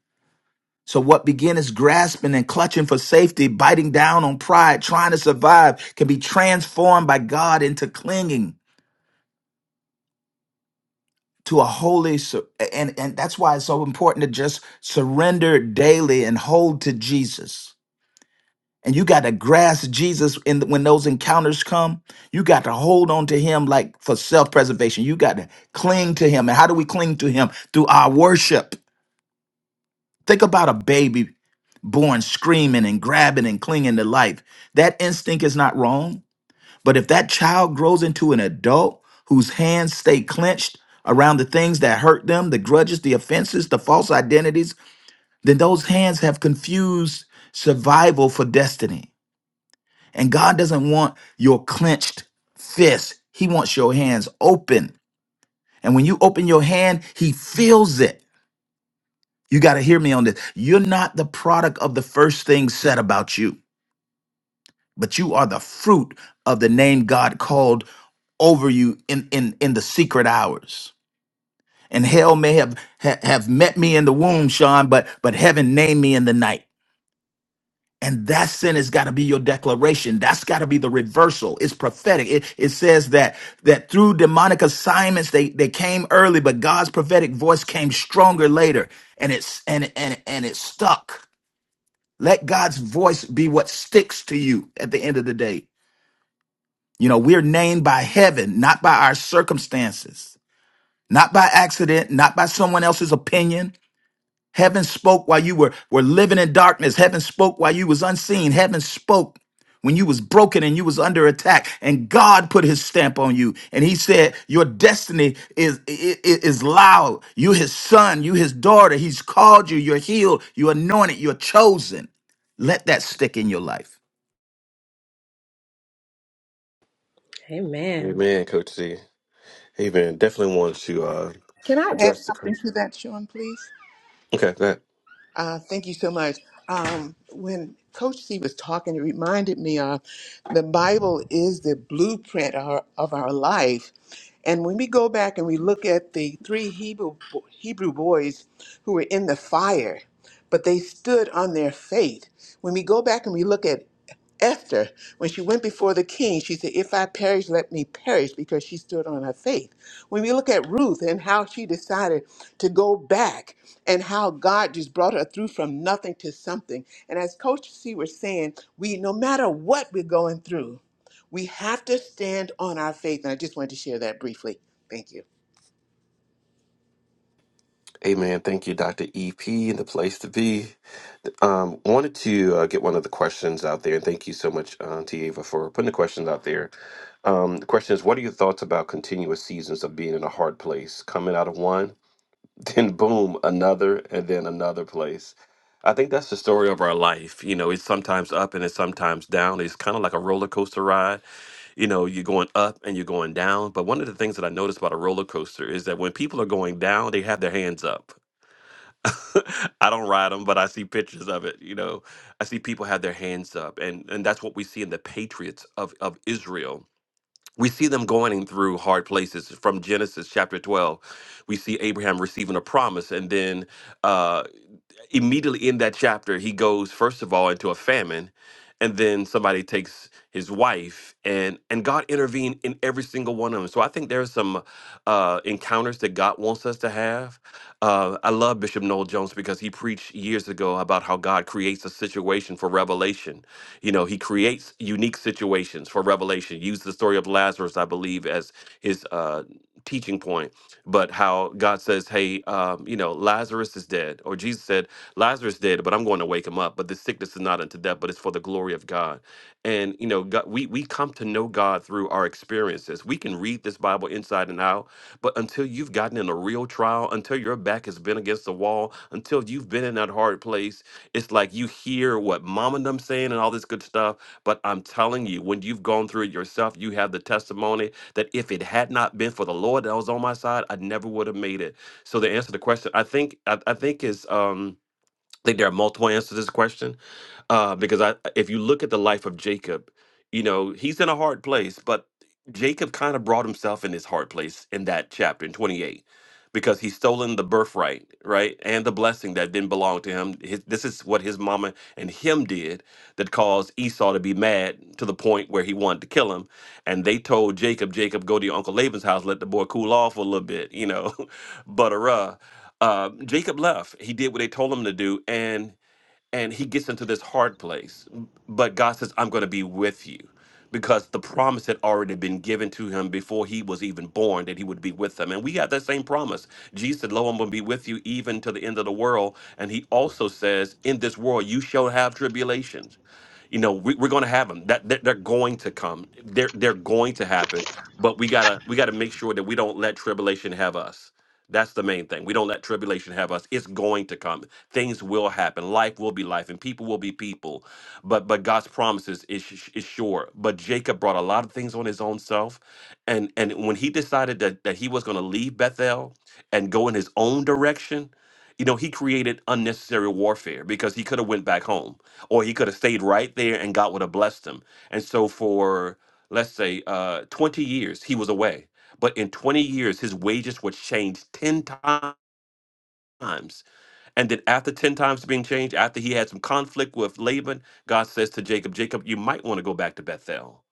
H: So what begin as grasping and clutching for safety, biting down on pride, trying to survive, can be transformed by God into clinging. to a holy sur- and and that's why it's so important to just surrender daily and hold to Jesus. And you got to grasp Jesus in the, when those encounters come. You got to hold on to him like for self-preservation. You got to cling to him. And how do we cling to him? Through our worship. Think about a baby born screaming and grabbing and clinging to life. That instinct is not wrong. But if that child grows into an adult whose hands stay clenched around the things that hurt them, the grudges, the offenses, the false identities, then those hands have confused survival for destiny. And God doesn't want your clenched fist, He wants your hands open. And when you open your hand, He feels it. You got to hear me on this. You're not the product of the first thing said about you, but you are the fruit of the name God called over you in in in the secret hours. And hell may have ha- have met me in the womb, Sean, but but heaven named me in the night. And that sentence got to be your declaration. That's got to be the reversal. It's prophetic. It, it says that that through demonic assignments they they came early, but God's prophetic voice came stronger later, and it's and and and it stuck. Let God's voice be what sticks to you at the end of the day. You know, we're named by heaven, not by our circumstances. not by accident, not by someone else's opinion. Heaven spoke while you were, were living in darkness. Heaven spoke while you was unseen. Heaven spoke when you was broken and you was under attack. And God put his stamp on you. And he said, your destiny is, is, is loud. You his son, you his daughter. He's called you. You're healed. You're anointed. You're chosen. Let that stick in your life.
A: Amen.
B: Amen, Coach C. Amen. Definitely want to. Uh,
G: Can I add something to that, Sean, please?
B: okay, go ahead.
G: Uh, thank you so much. Um, when Coach C was talking, it reminded me of the Bible is the blueprint of our, of our life. And when we go back and we look at the three Hebrew, Hebrew boys who were in the fire, but they stood on their faith. When we go back and we look at Esther, when she went before the king, she said, If I perish, let me perish, because she stood on her faith. When we look at Ruth and how she decided to go back and how God just brought her through from nothing to something. And as Coach C was saying, we no matter what we're going through, we have to stand on our faith. And I just wanted to share that briefly. Thank you.
B: Amen. Thank you, Dr. EP, and the place to be. Um, wanted to uh, get one of the questions out there, and thank you so much, uh, T. Ava, for putting the questions out there. Um, the question is, what are your thoughts about continuous seasons of being in a hard place, coming out of one, then boom, another, and then another place? I think that's the story of our life. You know, it's sometimes up and it's sometimes down. It's kind of like a roller coaster ride. You know, you're going up and you're going down. But one of the things that I noticed about a roller coaster is that when people are going down, they have their hands up. I don't ride them, but I see pictures of it. You know, I see people have their hands up, and and that's what we see in the patriots of of Israel. We see them going through hard places. From Genesis chapter twelve, we see Abraham receiving a promise, and then. uh, immediately in that chapter, he goes first of all into a famine, and then somebody takes his wife, and and God intervened in every single one of them. So I think there's some uh, encounters that God wants us to have. Uh, I love Bishop Noel Jones because he preached years ago about how God creates a situation for revelation. You know, he creates unique situations for revelation. Use the story of Lazarus, I believe, as his uh, teaching point but how God says, "Hey, um, you know, Lazarus is dead," or Jesus said, Lazarus did, but I'm going to wake him up. But this sickness is not unto death, but it's for the glory of God. And you know, God, we we come to know God through our experiences. We can read this Bible inside and out, but until you've gotten in a real trial, until your back has been against the wall, until you've been in that hard place, it's like you hear what mom and them saying and all this good stuff. But I'm telling you, when you've gone through it yourself, you have the testimony that if it had not been for the Lord that was on my side, I never would have made it. So the answer to the question, I think, I, I think is. Um, I think there are multiple answers to this question uh, because I, if you look at the life of Jacob, you know he's in a hard place, but Jacob kind of brought himself in this hard place in that chapter in 28 because he's stolen the birthright, right, and the blessing that didn't belong to him. His, this is what his mama and him did that caused Esau to be mad to the point where he wanted to kill him. And they told Jacob, Jacob, go to your uncle Laban's house, let the boy cool off a little bit, you know, but uh, uh, Jacob left. He did what they told him to do, and and he gets into this hard place. But God says, I'm going to be with you because the promise had already been given to him before he was even born that he would be with them. And we have that same promise. Jesus said, Lo, I'm going to be with you even to the end of the world. And he also says, In this world, you shall have tribulations. You know, we, we're going to have them. That, that they're going to come. They're they're going to happen. But we gotta we gotta make sure that we don't let tribulation have us. That's the main thing. We don't let tribulation have us. It's going to come. Things will happen. Life will be life, and people will be people. But but God's promises is sh- is sure. But Jacob brought a lot of things on his own self, and and when he decided that that he was going to leave Bethel and go in his own direction, you know, he created unnecessary warfare because he could have went back home or he could have stayed right there and God would have blessed him. And so for let's say uh 20 years he was away. But in 20 years his wages were changed 10 times. And then after 10 times being changed, after he had some conflict with Laban, God says to Jacob, Jacob, you might want to go back to Bethel.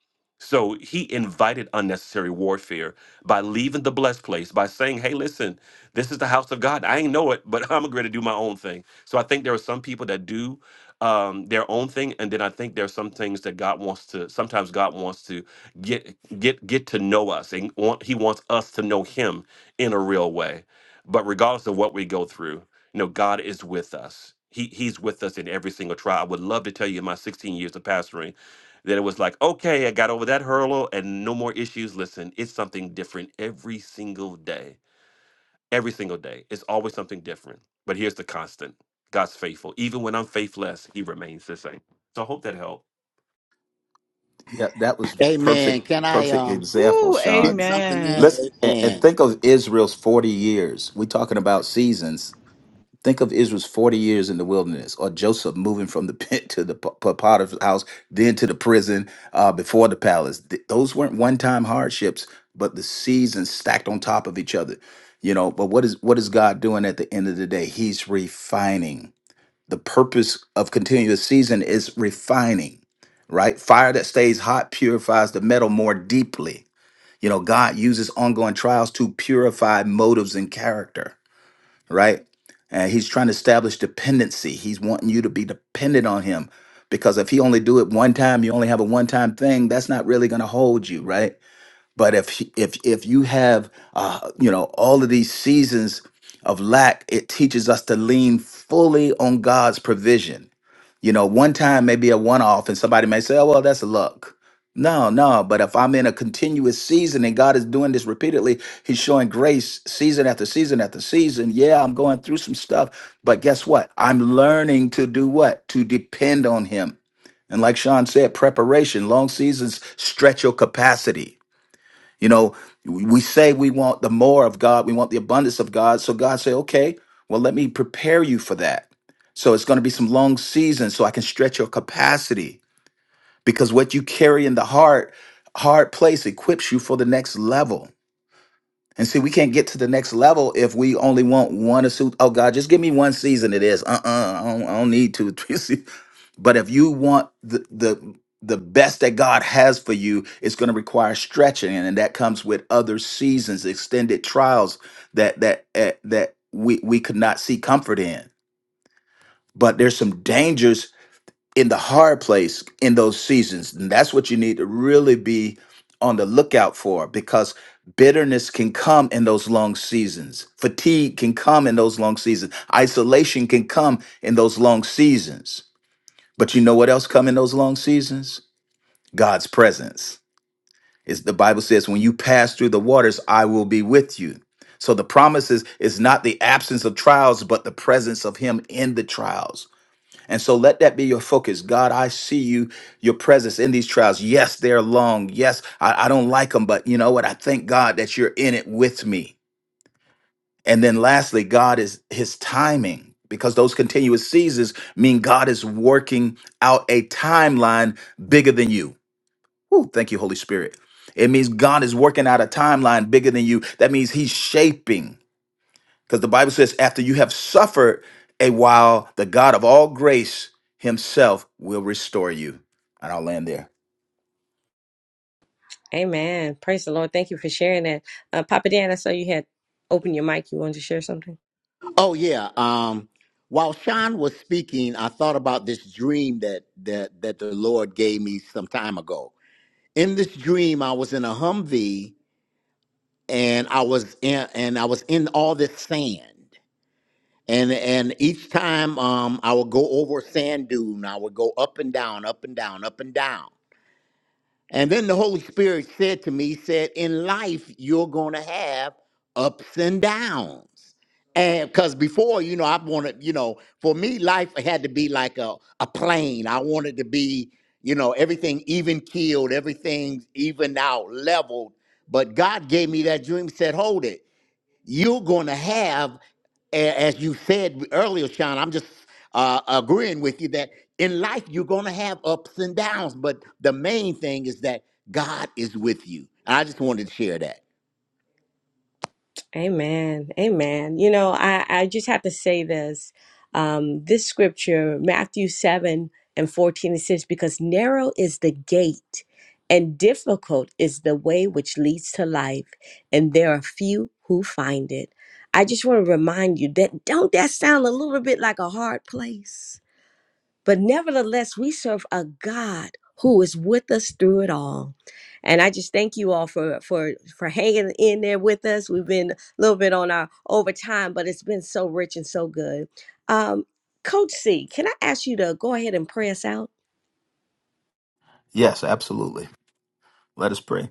B: So he invited unnecessary warfare by leaving the blessed place, by saying, Hey, listen, this is the house of God. I ain't know it, but I'm going to do my own thing. So I think there are some people that do um, their own thing. And then I think there are some things that God wants to, sometimes God wants to get, get, get to know us and want, he wants us to know him in a real way. But regardless of what we go through, no, God is with us. He He's with us in every single trial. I would love to tell you in my 16 years of pastoring that it was like, okay, I got over that hurdle and no more issues. Listen, it's something different every single day. Every single day. It's always something different. But here's the constant. God's faithful. Even when I'm faithless, he remains the same. So I hope that helped.
H: Yeah, that was
C: Amen.
H: perfect,
C: Can I
H: perfect
C: um
H: example,
F: Ooh,
C: get
H: Sean.
C: something
F: amen.
H: Let's
C: in?
H: and,
C: Amen.
H: and think of Israel's 40 years. We're talking about seasons. Think of Israel's 40 years in the wilderness, or Joseph moving from the pit to the P- P- Potiphar's house, then to the prison uh, before the palace. Th- those weren't one-time hardships, but the seasons stacked on top of each other. You know, but what is what is God doing at the end of the day? He's refining the purpose of continuing the season is refining, right? Fire that stays hot purifies the metal more deeply. You know, God uses ongoing trials to purify motives and character, right? And he's trying to establish dependency. He's wanting you to be dependent on him because if he only do it one time, you only have a one-time thing, that's not really going to hold you, right? But if he- if if you have uh, you know, all of these seasons of lack, it teaches us to lean fully on God's provision you know, one time may be a one off, and somebody may say, oh, well, that's luck. No, no. But if I'm in a continuous season and God is doing this repeatedly, He's showing grace season after season after season. Yeah, I'm going through some stuff, but guess what? I'm learning to do what? To depend on Him. And like Sean said, preparation, long seasons stretch your capacity. You know, we say we want the more of God, we want the abundance of God. So God say, okay, well, let me prepare you for that. So it's going to be some long seasons so I can stretch your capacity because what you carry in the heart, hard place equips you for the next level. And see, we can't get to the next level if we only want one or two. Oh God, just give me one season. It is. Uh uh I, don't, I don't need two. But if you want the the the best that God has for you, it's going to require stretching, and that comes with other seasons, extended trials that that eh, that we we could not see comfort in. But there's some dangers in the hard place in those seasons, and that's what you need to really be on the lookout for because bitterness can come in those long seasons fatigue can come in those long seasons isolation can come in those long seasons but you know what else come in those long seasons? God's presence. Is the Bible says, when you pass through the waters, I will be with you. So the promise is, is not the absence of trials, but the presence of him in the trials. And so let that be your focus. God, I see you, your presence in these trials. Yes, they're long. Yes, I, I don't like them, but you know what? I thank God that you're in it with me. And then lastly, God is his timing because those continuous seasons mean God is working out a timeline bigger than you. Woo, thank you, Holy Spirit. It means God is working out a timeline bigger than you. That means he's shaping because the Bible says, after you have suffered a while, the God of all grace himself will restore you. And I'll land there.
A: Amen. Praise the Lord. Thank you for sharing that. Uh, Papa Dan, I saw you had opened your mic. You wanted to share something?
C: Oh yeah. Um, while Sean was speaking, I thought about this dream that that that the Lord gave me some time ago. In this dream, I was in a Humvee and I was in and I was in all this sand. And and each time um, I would go over a sand dune, I would go up and down, up and down, up and down. And then the Holy Spirit said to me, he said, in life, you're going to have ups and downs. And because before, you know, I wanted, you know, for me, life had to be like a, a plane. I wanted to be, you know, everything even keeled, everything's even out, leveled. But God gave me that dream, said, hold it you're going to have, a- as you said earlier, Sean, I'm just uh, agreeing with you that in life you're going to have ups and downs, but the main thing is that God is with you. I just wanted to share that.
A: Amen. Amen. You know, I, I just have to say this. Um, this scripture, Matthew 7 and 14, it says, Because narrow is the gate and difficult is the way which leads to life, and there are few who find it. I just want to remind you that don't that sound a little bit like a hard place? But nevertheless, we serve a God who is with us through it all. And I just thank you all for for for hanging in there with us. We've been a little bit on our overtime, but it's been so rich and so good. Um, Coach C, can I ask you to go ahead and pray us out?
H: Yes, absolutely. Let us pray.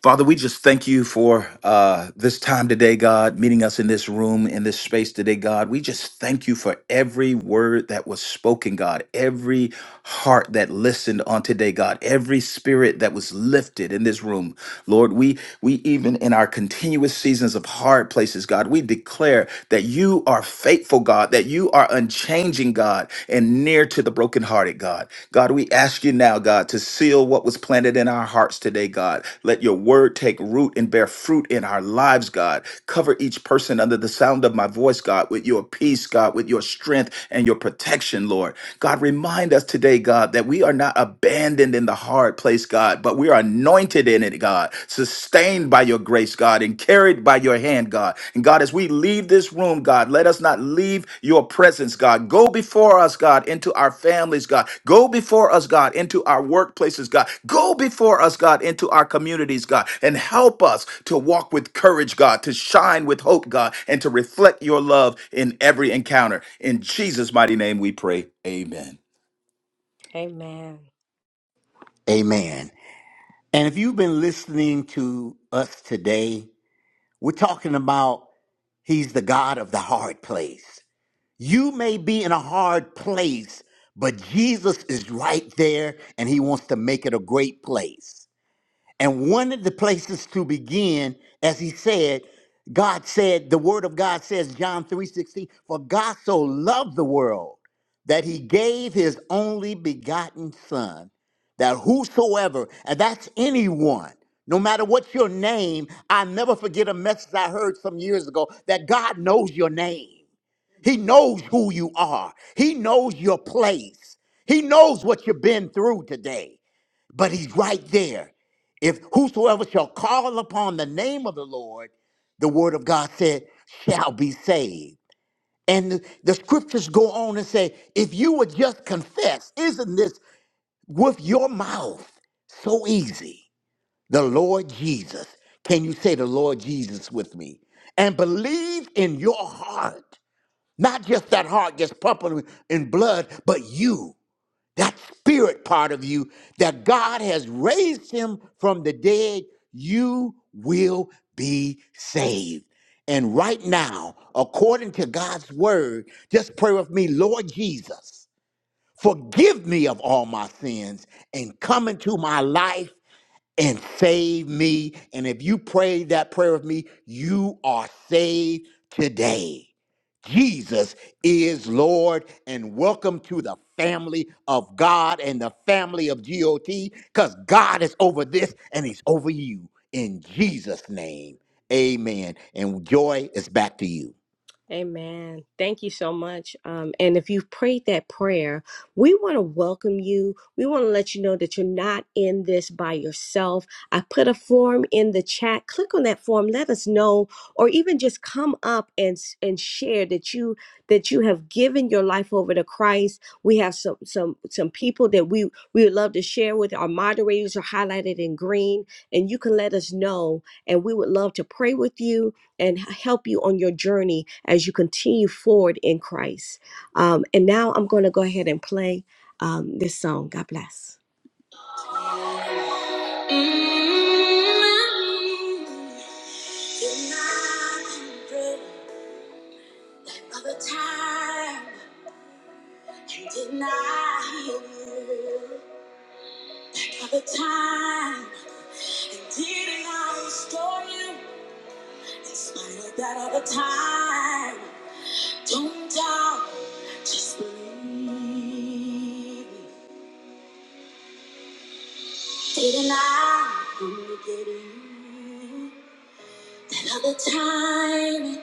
H: Father, we just thank you for uh, this time today, God, meeting us in this room, in this space today, God. We just thank you for every word that was spoken, God, every heart that listened on today, God, every spirit that was lifted in this room. Lord, we we even in our continuous seasons of hard places, God, we declare that you are faithful, God, that you are unchanging, God. God, and near to the brokenhearted, God. God, we ask you now, God, to seal what was planted in our hearts today, God. Let your word take root and bear fruit in our lives, God. Cover each person under the sound of my voice, God, with your peace, God, with your strength and your protection, Lord. God, remind us today, God, that we are not abandoned in the hard place, God, but we are anointed in it, God, sustained by your grace, God, and carried by your hand, God. And God, as we leave this room, God, let us not leave your presence, God. Go before us, God, into our families, God. Go before us, God, into our workplaces, God. Go before us, God, into our communities, God. And help us to walk with courage, God, to shine with hope, God, and to reflect your love in every encounter. In Jesus' mighty name we pray. Amen.
A: Amen.
C: Amen. And if you've been listening to us today, we're talking about He's the God of the hard place. You may be in a hard place, but Jesus is right there and He wants to make it a great place. And one of the places to begin, as he said, God said, the word of God says, John 3:16, for God so loved the world that he gave his only begotten son, that whosoever, and that's anyone, no matter what your name, I never forget a message I heard some years ago that God knows your name. He knows who you are. He knows your place. He knows what you've been through today but he's right there. If whosoever shall call upon the name of the Lord, the word of God said, shall be saved. And the, the scriptures go on and say, if you would just confess, isn't this with your mouth so easy? The Lord Jesus. Can you say the Lord Jesus with me? And believe in your heart, not just that heart just pumping in blood, but you that spirit part of you that God has raised him from the dead, you will be saved. And right now, according to God's word, just pray with me, Lord Jesus, forgive me of all my sins and come into my life and save me. And if you prayed that prayer with me, you are saved today. Jesus is Lord, and welcome to the family of God and the family of GOT, because God is over this and He's over you. In Jesus' name, amen. And Joy is back to you.
A: Amen. Thank you so much. Um, and if you've prayed that prayer, we want to welcome you. We want to let you know that you're not in this by yourself. I put a form in the chat. Click on that form. Let us know, or even just come up and s- and share that you that you have given your life over to Christ. We have some some some people that we we would love to share with. Our moderators are highlighted in green, and you can let us know, and we would love to pray with you and help you on your journey as you continue forward in Christ. Um, and now I'm going to go ahead and play um, this song. God bless. Don't doubt, just believe. Didn't I only you? That other time,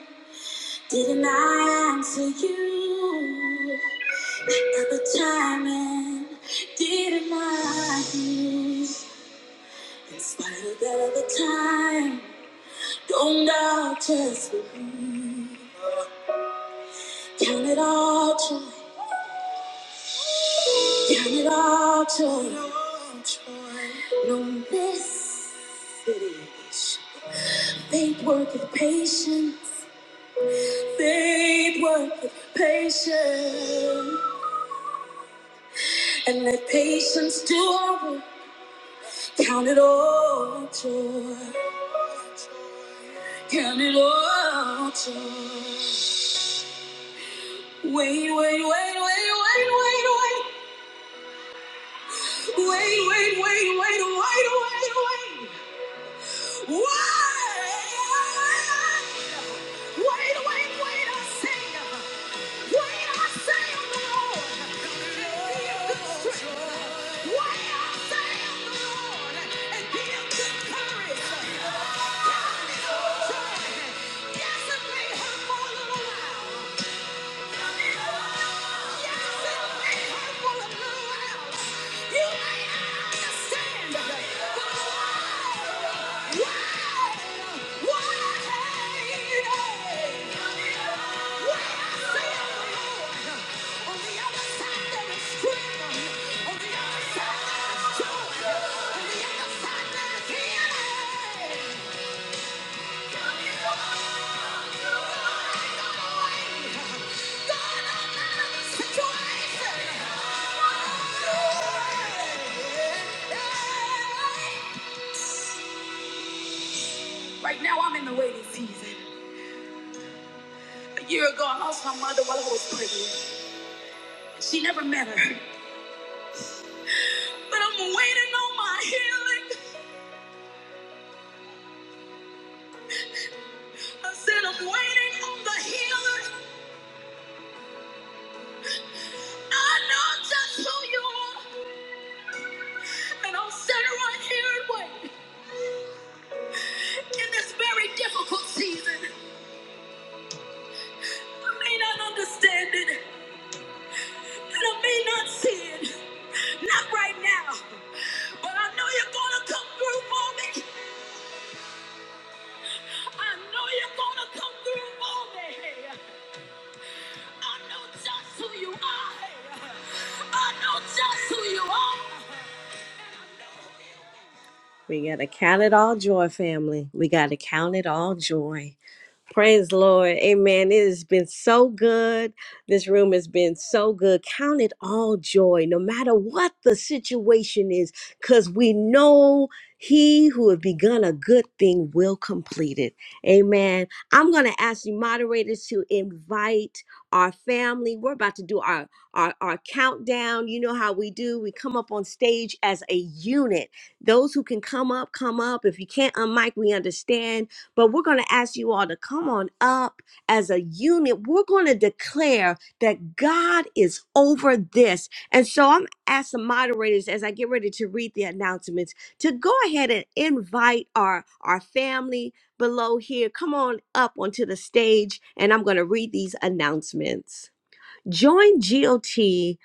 A: didn't I answer you? That other time, didn't I hear? In spite of that other time, don't doubt just count it all joy, count it all joy. No, this it is. Faith worketh patience. Faith work with patience, and let patience do our work. Count it all joy, count it all joy. Wait, wait, wait, wait, wait, wait, wait, wait, wait, wait, wait, wait, wait, wait, wait. Wait, wait, wait, I say. Yes, it may have fallen around. On the other side, there's healing. Right now, I'm in the waiting season. A year ago, I lost my mother while I was pregnant. She never met her. But I'm waiting on my healing. I said, I'm waiting on the healer. I know just who you are, and I'll sit right here and wait in this very difficult season. I may not understand it, and I may not see it, not right now, but I know you're gonna come through for me. I know you're gonna come through for me. I know just who you are. I know just who you are. And I know who you are. We got to count it all joy, family. We got to count it all joy. Praise the Lord. Amen. It has been so good. This room has been so good. Count it all joy, no matter what the situation is, because we know he who has begun a good thing will complete it. Amen. I'm going to ask you moderators to invite our family. We're about to do our, our, our countdown. You know how we do. We come up on stage as a unit those who can come up, come up. If you can't unmic, we understand. But we're going to ask you all to come on up as a unit. We're going to declare that God is over this. And so I'm asking moderators as I get ready to read the announcements to go ahead and invite our, our family below here. Come on up onto the stage, and I'm going to read these announcements. Join GOT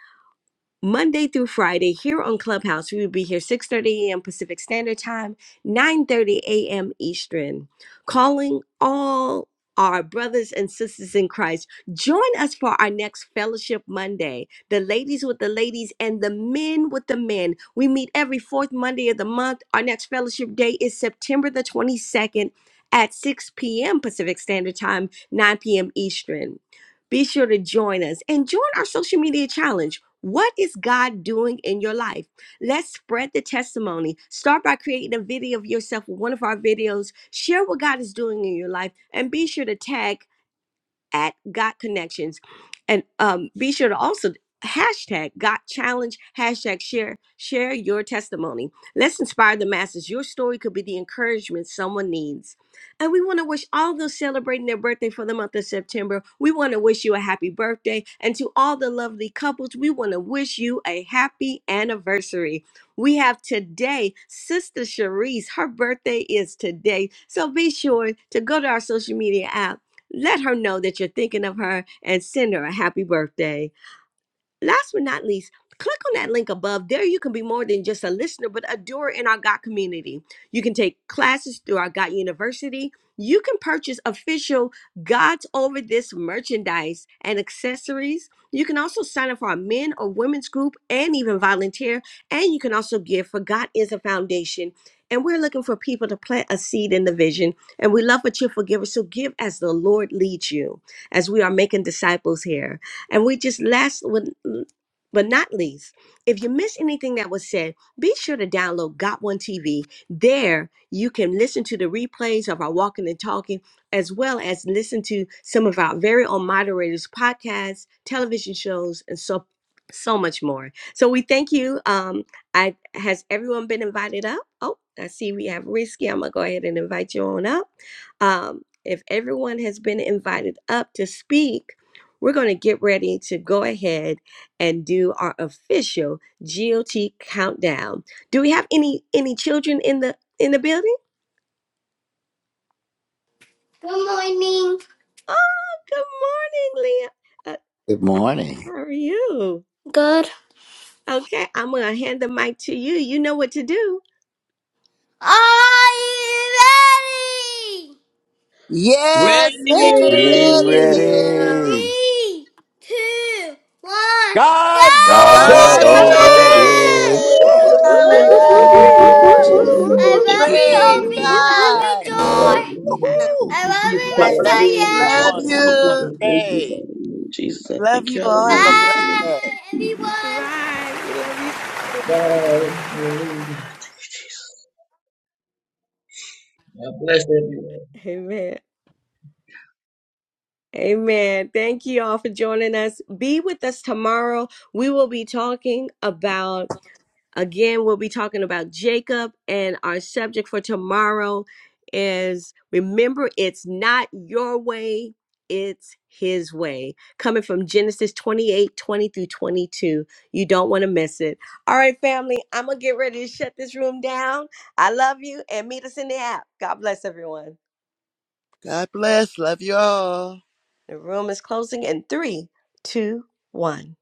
A: Monday through Friday here on Clubhouse. We will be here 6:30 a.m. Pacific Standard Time, 9:30 a.m. Eastern. Calling all our brothers and sisters in Christ, join us for our next Fellowship Monday. The ladies with the ladies and the men with the men. We meet every fourth Monday of the month. Our next Fellowship Day is September the 22nd at 6 p.m. Pacific Standard Time, 9 p.m. Eastern. Be sure to join us and join our social media challenge. What is God doing in your life? Let's spread the testimony. Start by creating a video of yourself with one of our videos. Share what God is doing in your life and be sure to tag at Got Connections. And um, be sure to also hashtag Got Challenge, hashtag share, share your testimony. Let's inspire the masses. Your story could be the encouragement someone needs. And we want to wish all those celebrating their birthday for the month of September, we want to wish you a happy birthday. And to all the lovely couples, we want to wish you a happy anniversary. We have today Sister Cherise. Her birthday is today. So be sure to go to our social media apps let her know that you're thinking of her and send her a happy birthday. Last but not least, click on that link above. There you can be more than just a listener, but a doer in our God community. You can take classes through our God University. You can purchase official God's Over This merchandise and accessories. You can also sign up for our men or women's group and even volunteer. And you can also give for God is a foundation. And we're looking for people to plant a seed in the vision. And we love a cheerful giver. So give as the Lord leads you, as we are making disciples here. And we just last but but not least, if you miss anything that was said, be sure to download Got One TV. There you can listen to the replays of our walking and talking, as well as listen to some of our very own moderators' podcasts, television shows, and so so much more. So we thank you. Um, I has everyone been invited up? Oh, I see we have Risky. I'm gonna go ahead and invite you on up. Um, if everyone has been invited up to speak, we're going to get ready to go ahead and do our official GOT countdown. Do we have any any children in the in the building?
L: Good morning.
A: Oh, good morning, Leah. Uh,
C: Good morning.
A: how are you?
L: Good.
A: Okay, I'm going to hand the mic to you. You know what to do.
L: Are you ready?
D: Yes, we're
H: We
D: ready,
M: Ready!
N: Daddy,
D: Lamb.
H: ready.
L: Three, two, one, go!
C: God's over
N: that's all
M: God
H: God
D: God
M: is
A: How
D: is
A: is
D: over
H: over
M: over
N: it
C: this.
M: this!
A: resist.
H: this.
O: Yes.
D: this.
A: Woo,
N: is.
A: woo, woo, woo.
N: That's
M: Hallelujah!
N: all
D: Hallelujah.
N: it
M: Thank you, Jesus.
N: is.
L: I
M: Hallelujah! Thank
C: Woo!
L: love
M: you,
L: you,
D: Praise
L: Obi.
M: Hallelujah!
L: I love you,
D: God. Thank you.
L: Joy.
A: I
D: Jesus.
A: love
C: Woo!
M: Thank
L: I
M: you,
A: you.
L: love
M: Jesus.
L: you,
C: God
L: Mr.
C: bless you,
M: Hallelujah!
L: Yan.
D: Love
C: everyone. Have a blessed
D: you.
M: Hallelujah!
C: day.
M: Jesus. Thank you, Hallelujah! Jesus, I thank
D: Love you
M: you.
D: all. Have a
M: Hallelujah!
D: blessed
L: Bye,
D: day.
M: Hallelujah.
L: everyone.
A: Right. We love you. Too.
M: Bye. Hallelujah. God bless everyone.
A: Amen. Amen. Thank you all for joining us. Be with us tomorrow. We will be talking about Again, we'll be talking about Jacob, and our subject for tomorrow is remember it's not your way, it's his way. Coming from Genesis 28 20 through 22. You don't want to miss it. All right, family, I'm going to get ready to shut this room down. I love you, and meet us in the app. God bless everyone.
D: God bless. Love you all.
A: The room is closing in three, two, one.